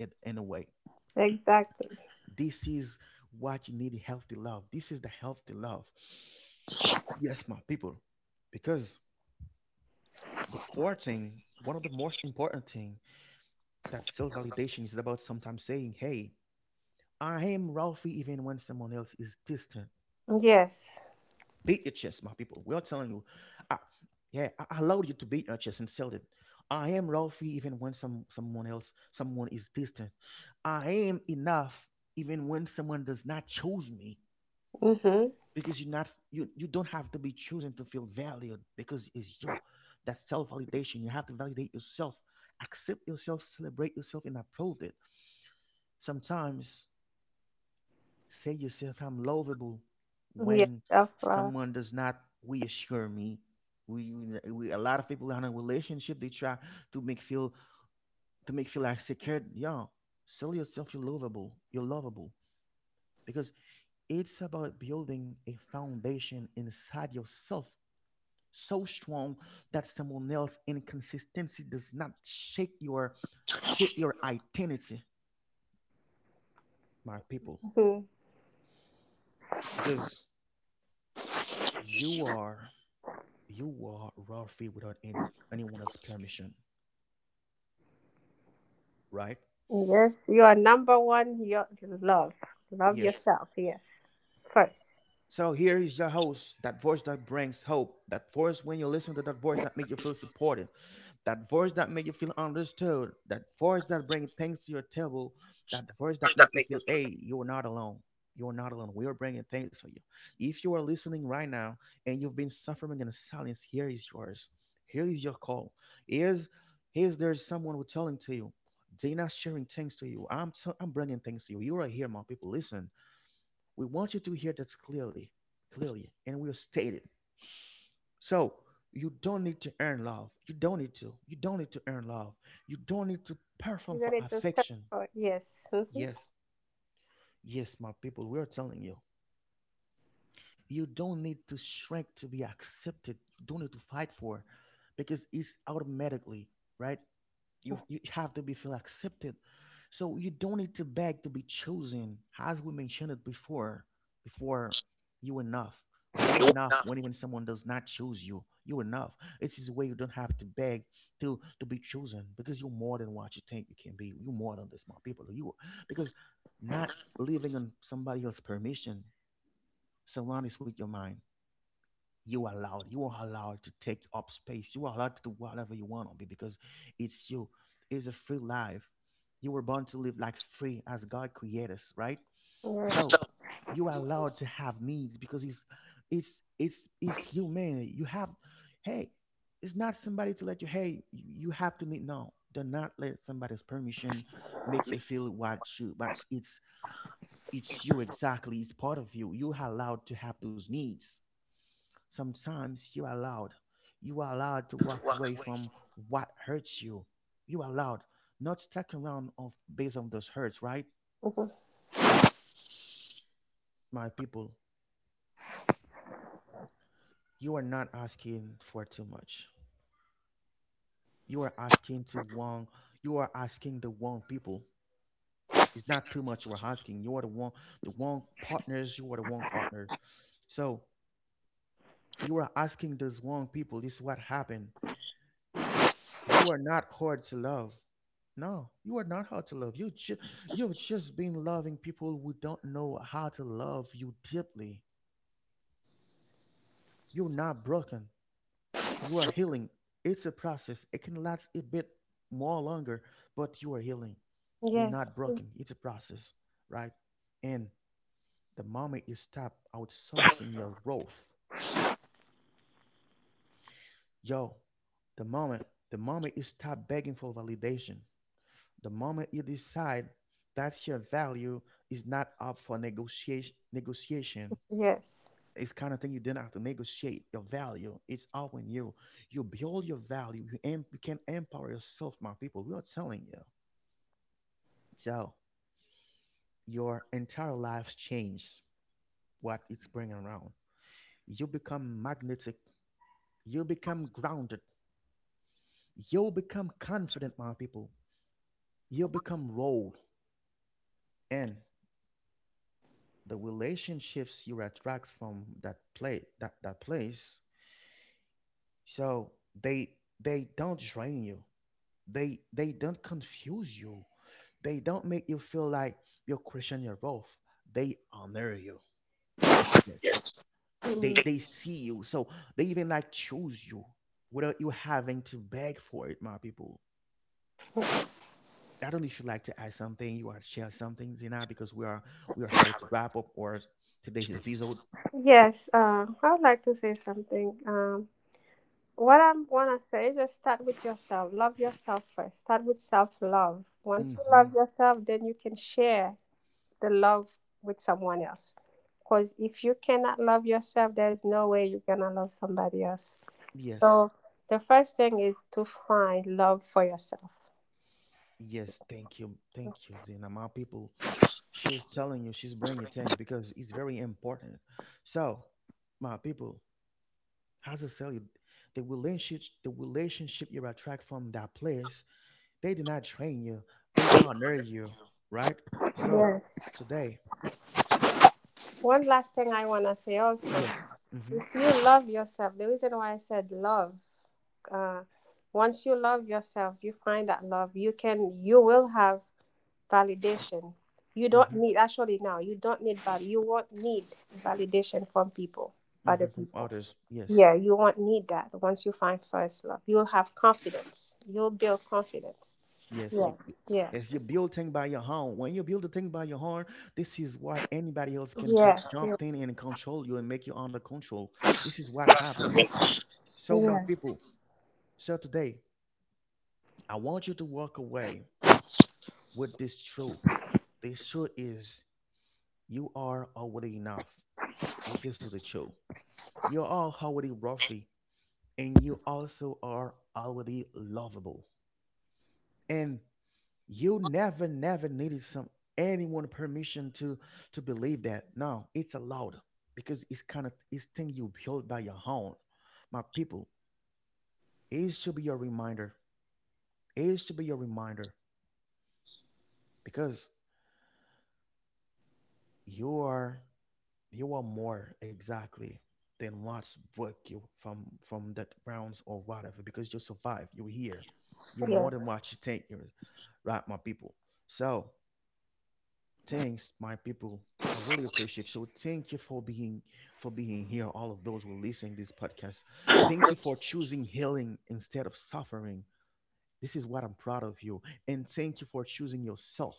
[SPEAKER 1] in, in a way.
[SPEAKER 2] Exactly.
[SPEAKER 1] This is what you need healthy love. This is the healthy love. Yes, my people. Because the core thing, one of the most important thing that self-validation is about sometimes saying, hey, I am Ralphie even when someone else is distant.
[SPEAKER 2] Yes.
[SPEAKER 1] Beat your chest, my people. We are telling you, I, yeah, I I allowed you to beat your chest and sell it. I am Ralphie even when some someone else, someone is distant. I am enough even when someone does not choose me
[SPEAKER 2] Mhm.
[SPEAKER 1] because you're not you you don't have to be chosen to feel valued because it's you. That self validation. You have to validate yourself, accept yourself, celebrate yourself, and approve it. Sometimes. Say yourself, I'm lovable
[SPEAKER 2] Yes.
[SPEAKER 1] when
[SPEAKER 2] That's right.
[SPEAKER 1] someone does not reassure me. We, we, we a lot of people in a relationship they try to make feel to make feel like secured. Yeah, sell yourself, you're lovable. You're lovable because it's about building a foundation inside yourself so strong that someone else inconsistency does not shake your shake your identity, my people,
[SPEAKER 2] Mhm.
[SPEAKER 1] because you are you wore raw Ralphie without any anyone else's permission, right?
[SPEAKER 2] Yes. You are number one. Your love. Love
[SPEAKER 1] Yes.
[SPEAKER 2] yourself. Yes. First.
[SPEAKER 1] So here is your host, that voice that brings hope, that voice when you listen to that voice that make you feel supported, that voice that make you feel understood, that voice that bring things to your table, that voice that make you feel, hey, you are not alone. You are not alone. We are bringing things for you. If you are listening right now and you've been suffering in silence, here is yours. Here is your call. Here's, here's there's someone who's telling to you. They're not sharing things to you. I'm, t- I'm bringing things to you. You are here, my people. Listen, we want you to hear that clearly, clearly, and we'll state it. So you don't need to earn love. You don't need to. You don't need to earn love. You don't need to perform
[SPEAKER 2] You're
[SPEAKER 1] for
[SPEAKER 2] gonna do step
[SPEAKER 1] affection.
[SPEAKER 2] forward. Yes. Mhm.
[SPEAKER 1] Yes, yes, my people, we are telling you. You don't need to shrink to be accepted. You don't need to fight for, because it's automatically right. You you have to be feel accepted. So you don't need to beg to be chosen. As we mentioned it before, before you enough. You enough when even someone does not choose you. You enough. It's is way you don't have to beg to to be chosen because you're more than what you think you can be. You're more than this, my people. You because not living on somebody else's permission surround us with your mind. You are allowed. You are allowed to take up space. You are allowed to do whatever you want on me because it's you. It's a free life. You were born to live like free as God created us, right?
[SPEAKER 2] Yes.
[SPEAKER 1] So you are allowed to have needs because it's it's it's it's human. You have hey, it's not somebody to let you hey, you, you have to meet no. Do not let somebody's permission make you feel what you but it's it's you exactly, it's part of you. You are allowed to have those needs. Sometimes you are allowed. You are allowed to walk away from what hurts you. You are allowed. Not stuck around of based on those hurts, right?
[SPEAKER 2] Mhm.
[SPEAKER 1] My people, you are not asking for too much. You are asking to one you are asking the wrong people. It's not too much you are asking. You are the one the wrong partners, you are the wrong partner. So you are asking those wrong people. This is what happened. You are not hard to love. No, you are not hard to love. You ju- you've just been loving people who don't know how to love you deeply. You're not broken. You are healing. It's a process. It can last a bit more longer, but you are healing. You're
[SPEAKER 2] Yes,
[SPEAKER 1] not broken. It's a process, right? And the moment you stop outsourcing your growth, yo, the moment, the moment you stop begging for validation, the moment you decide that your value is not up for negotiation, negotiation,
[SPEAKER 2] yes.
[SPEAKER 1] it's kind of thing you didn't have to negotiate your value. It's up in you. You build your value. You, em- you can empower yourself, my people. We are telling you. So your entire life changes what it's bringing around. You become magnetic. You become grounded. You become confident, my people. You become rolled in. The relationships you attract from that play that, that place, so they, they don't drain you, they they don't confuse you, they don't make you feel like you question your worth, they honor you, yes, they
[SPEAKER 2] Mm.
[SPEAKER 1] they see you, so they even like choose you without you having to beg for it, my people. I don't know if you like to add something, you want to share something, Zina, because we are we are about to wrap up our today's episode.
[SPEAKER 2] Yes, uh, I would like to say something. Um, what I want to say, just start with yourself. Love yourself first. Start with self love. Once you
[SPEAKER 1] Hmm.
[SPEAKER 2] love yourself, then you can share the love with someone else. Because if you cannot love yourself, there's no way you're going to love somebody else.
[SPEAKER 1] Yes.
[SPEAKER 2] So the first thing is to find love for yourself.
[SPEAKER 1] Yes, thank you, thank you, Zina. My people, she's telling you, she's bringing it in because it's very important. So, my people, has to tell you, the relationship, the relationship you attract from that place, they did not train you, they honor you, right? So
[SPEAKER 2] Yes.
[SPEAKER 1] today,
[SPEAKER 2] One last thing I want to say also.
[SPEAKER 1] yes, mm-hmm,
[SPEAKER 2] If you love yourself, the reason why I said love, uh, once you love yourself, you find that love, you can, you will have validation. You don't
[SPEAKER 1] mm-hmm,
[SPEAKER 2] need, actually now, you don't need val. You won't need validation from people,
[SPEAKER 1] mm-hmm,
[SPEAKER 2] other
[SPEAKER 1] from
[SPEAKER 2] people.
[SPEAKER 1] others, yes.
[SPEAKER 2] Yeah, you won't need that once you find first love. You'll have confidence. You'll build confidence.
[SPEAKER 1] Yes,
[SPEAKER 2] Yeah,
[SPEAKER 1] you, you
[SPEAKER 2] yeah.
[SPEAKER 1] as you build thing by your own. When you build a thing by your own, this is why anybody else can co-
[SPEAKER 2] Yes, yes,
[SPEAKER 1] jump in and control you and make you under control. This is what happened. So my
[SPEAKER 2] yes,
[SPEAKER 1] people, so today I want you to walk away with this truth. This truth is you are already enough. Th- This is the truth. You are already worthy, and you also are already lovable. And you never never needed some anyone permission to to believe that no it's allowed because it's kind of it's thing you build by your own, my people. It should be your reminder, it should be your reminder, because you are, you are more exactly than what's broke you from from that rounds or whatever because you survived, you're here, you're more than
[SPEAKER 2] yes.
[SPEAKER 1] what you think you're, right, my people. So thanks, my people. I really appreciate. So thank you for being, for being here. All of those who are listening this podcast. Thank you for choosing healing instead of suffering. This is what I'm proud of you. And thank you for choosing yourself.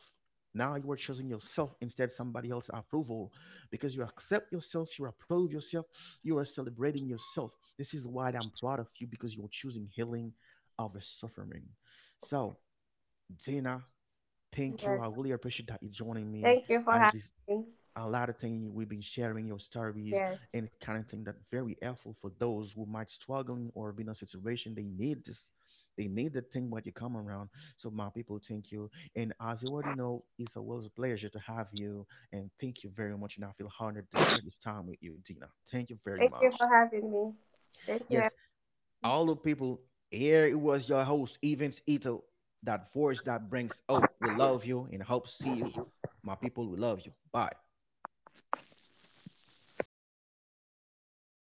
[SPEAKER 1] Now you are choosing yourself instead somebody else's approval because you accept yourself, you approve yourself, you are celebrating yourself. This is why I'm proud of you because you're choosing healing over suffering. So, Dana, thank you.
[SPEAKER 2] Yes.
[SPEAKER 1] I really appreciate that you joining me
[SPEAKER 2] Thank you for
[SPEAKER 1] as
[SPEAKER 2] having
[SPEAKER 1] this
[SPEAKER 2] me.
[SPEAKER 1] a lot of things we've been sharing your stories
[SPEAKER 2] Yes.
[SPEAKER 1] and kind of thing that very helpful for those who might struggling or be in a situation they need this, they need the thing when you come around. So my people, thank you, and as you already know, it's always a pleasure to have you. And thank you very much, and I feel honored to share this time with you, Dina. Thank you very
[SPEAKER 2] Thank you
[SPEAKER 1] much.
[SPEAKER 2] for having me. Thank you.
[SPEAKER 1] Yes, all the people, here it was your host, Evans Ito, that voice that brings hope. We love you and hope see you, my people. We love you. Bye.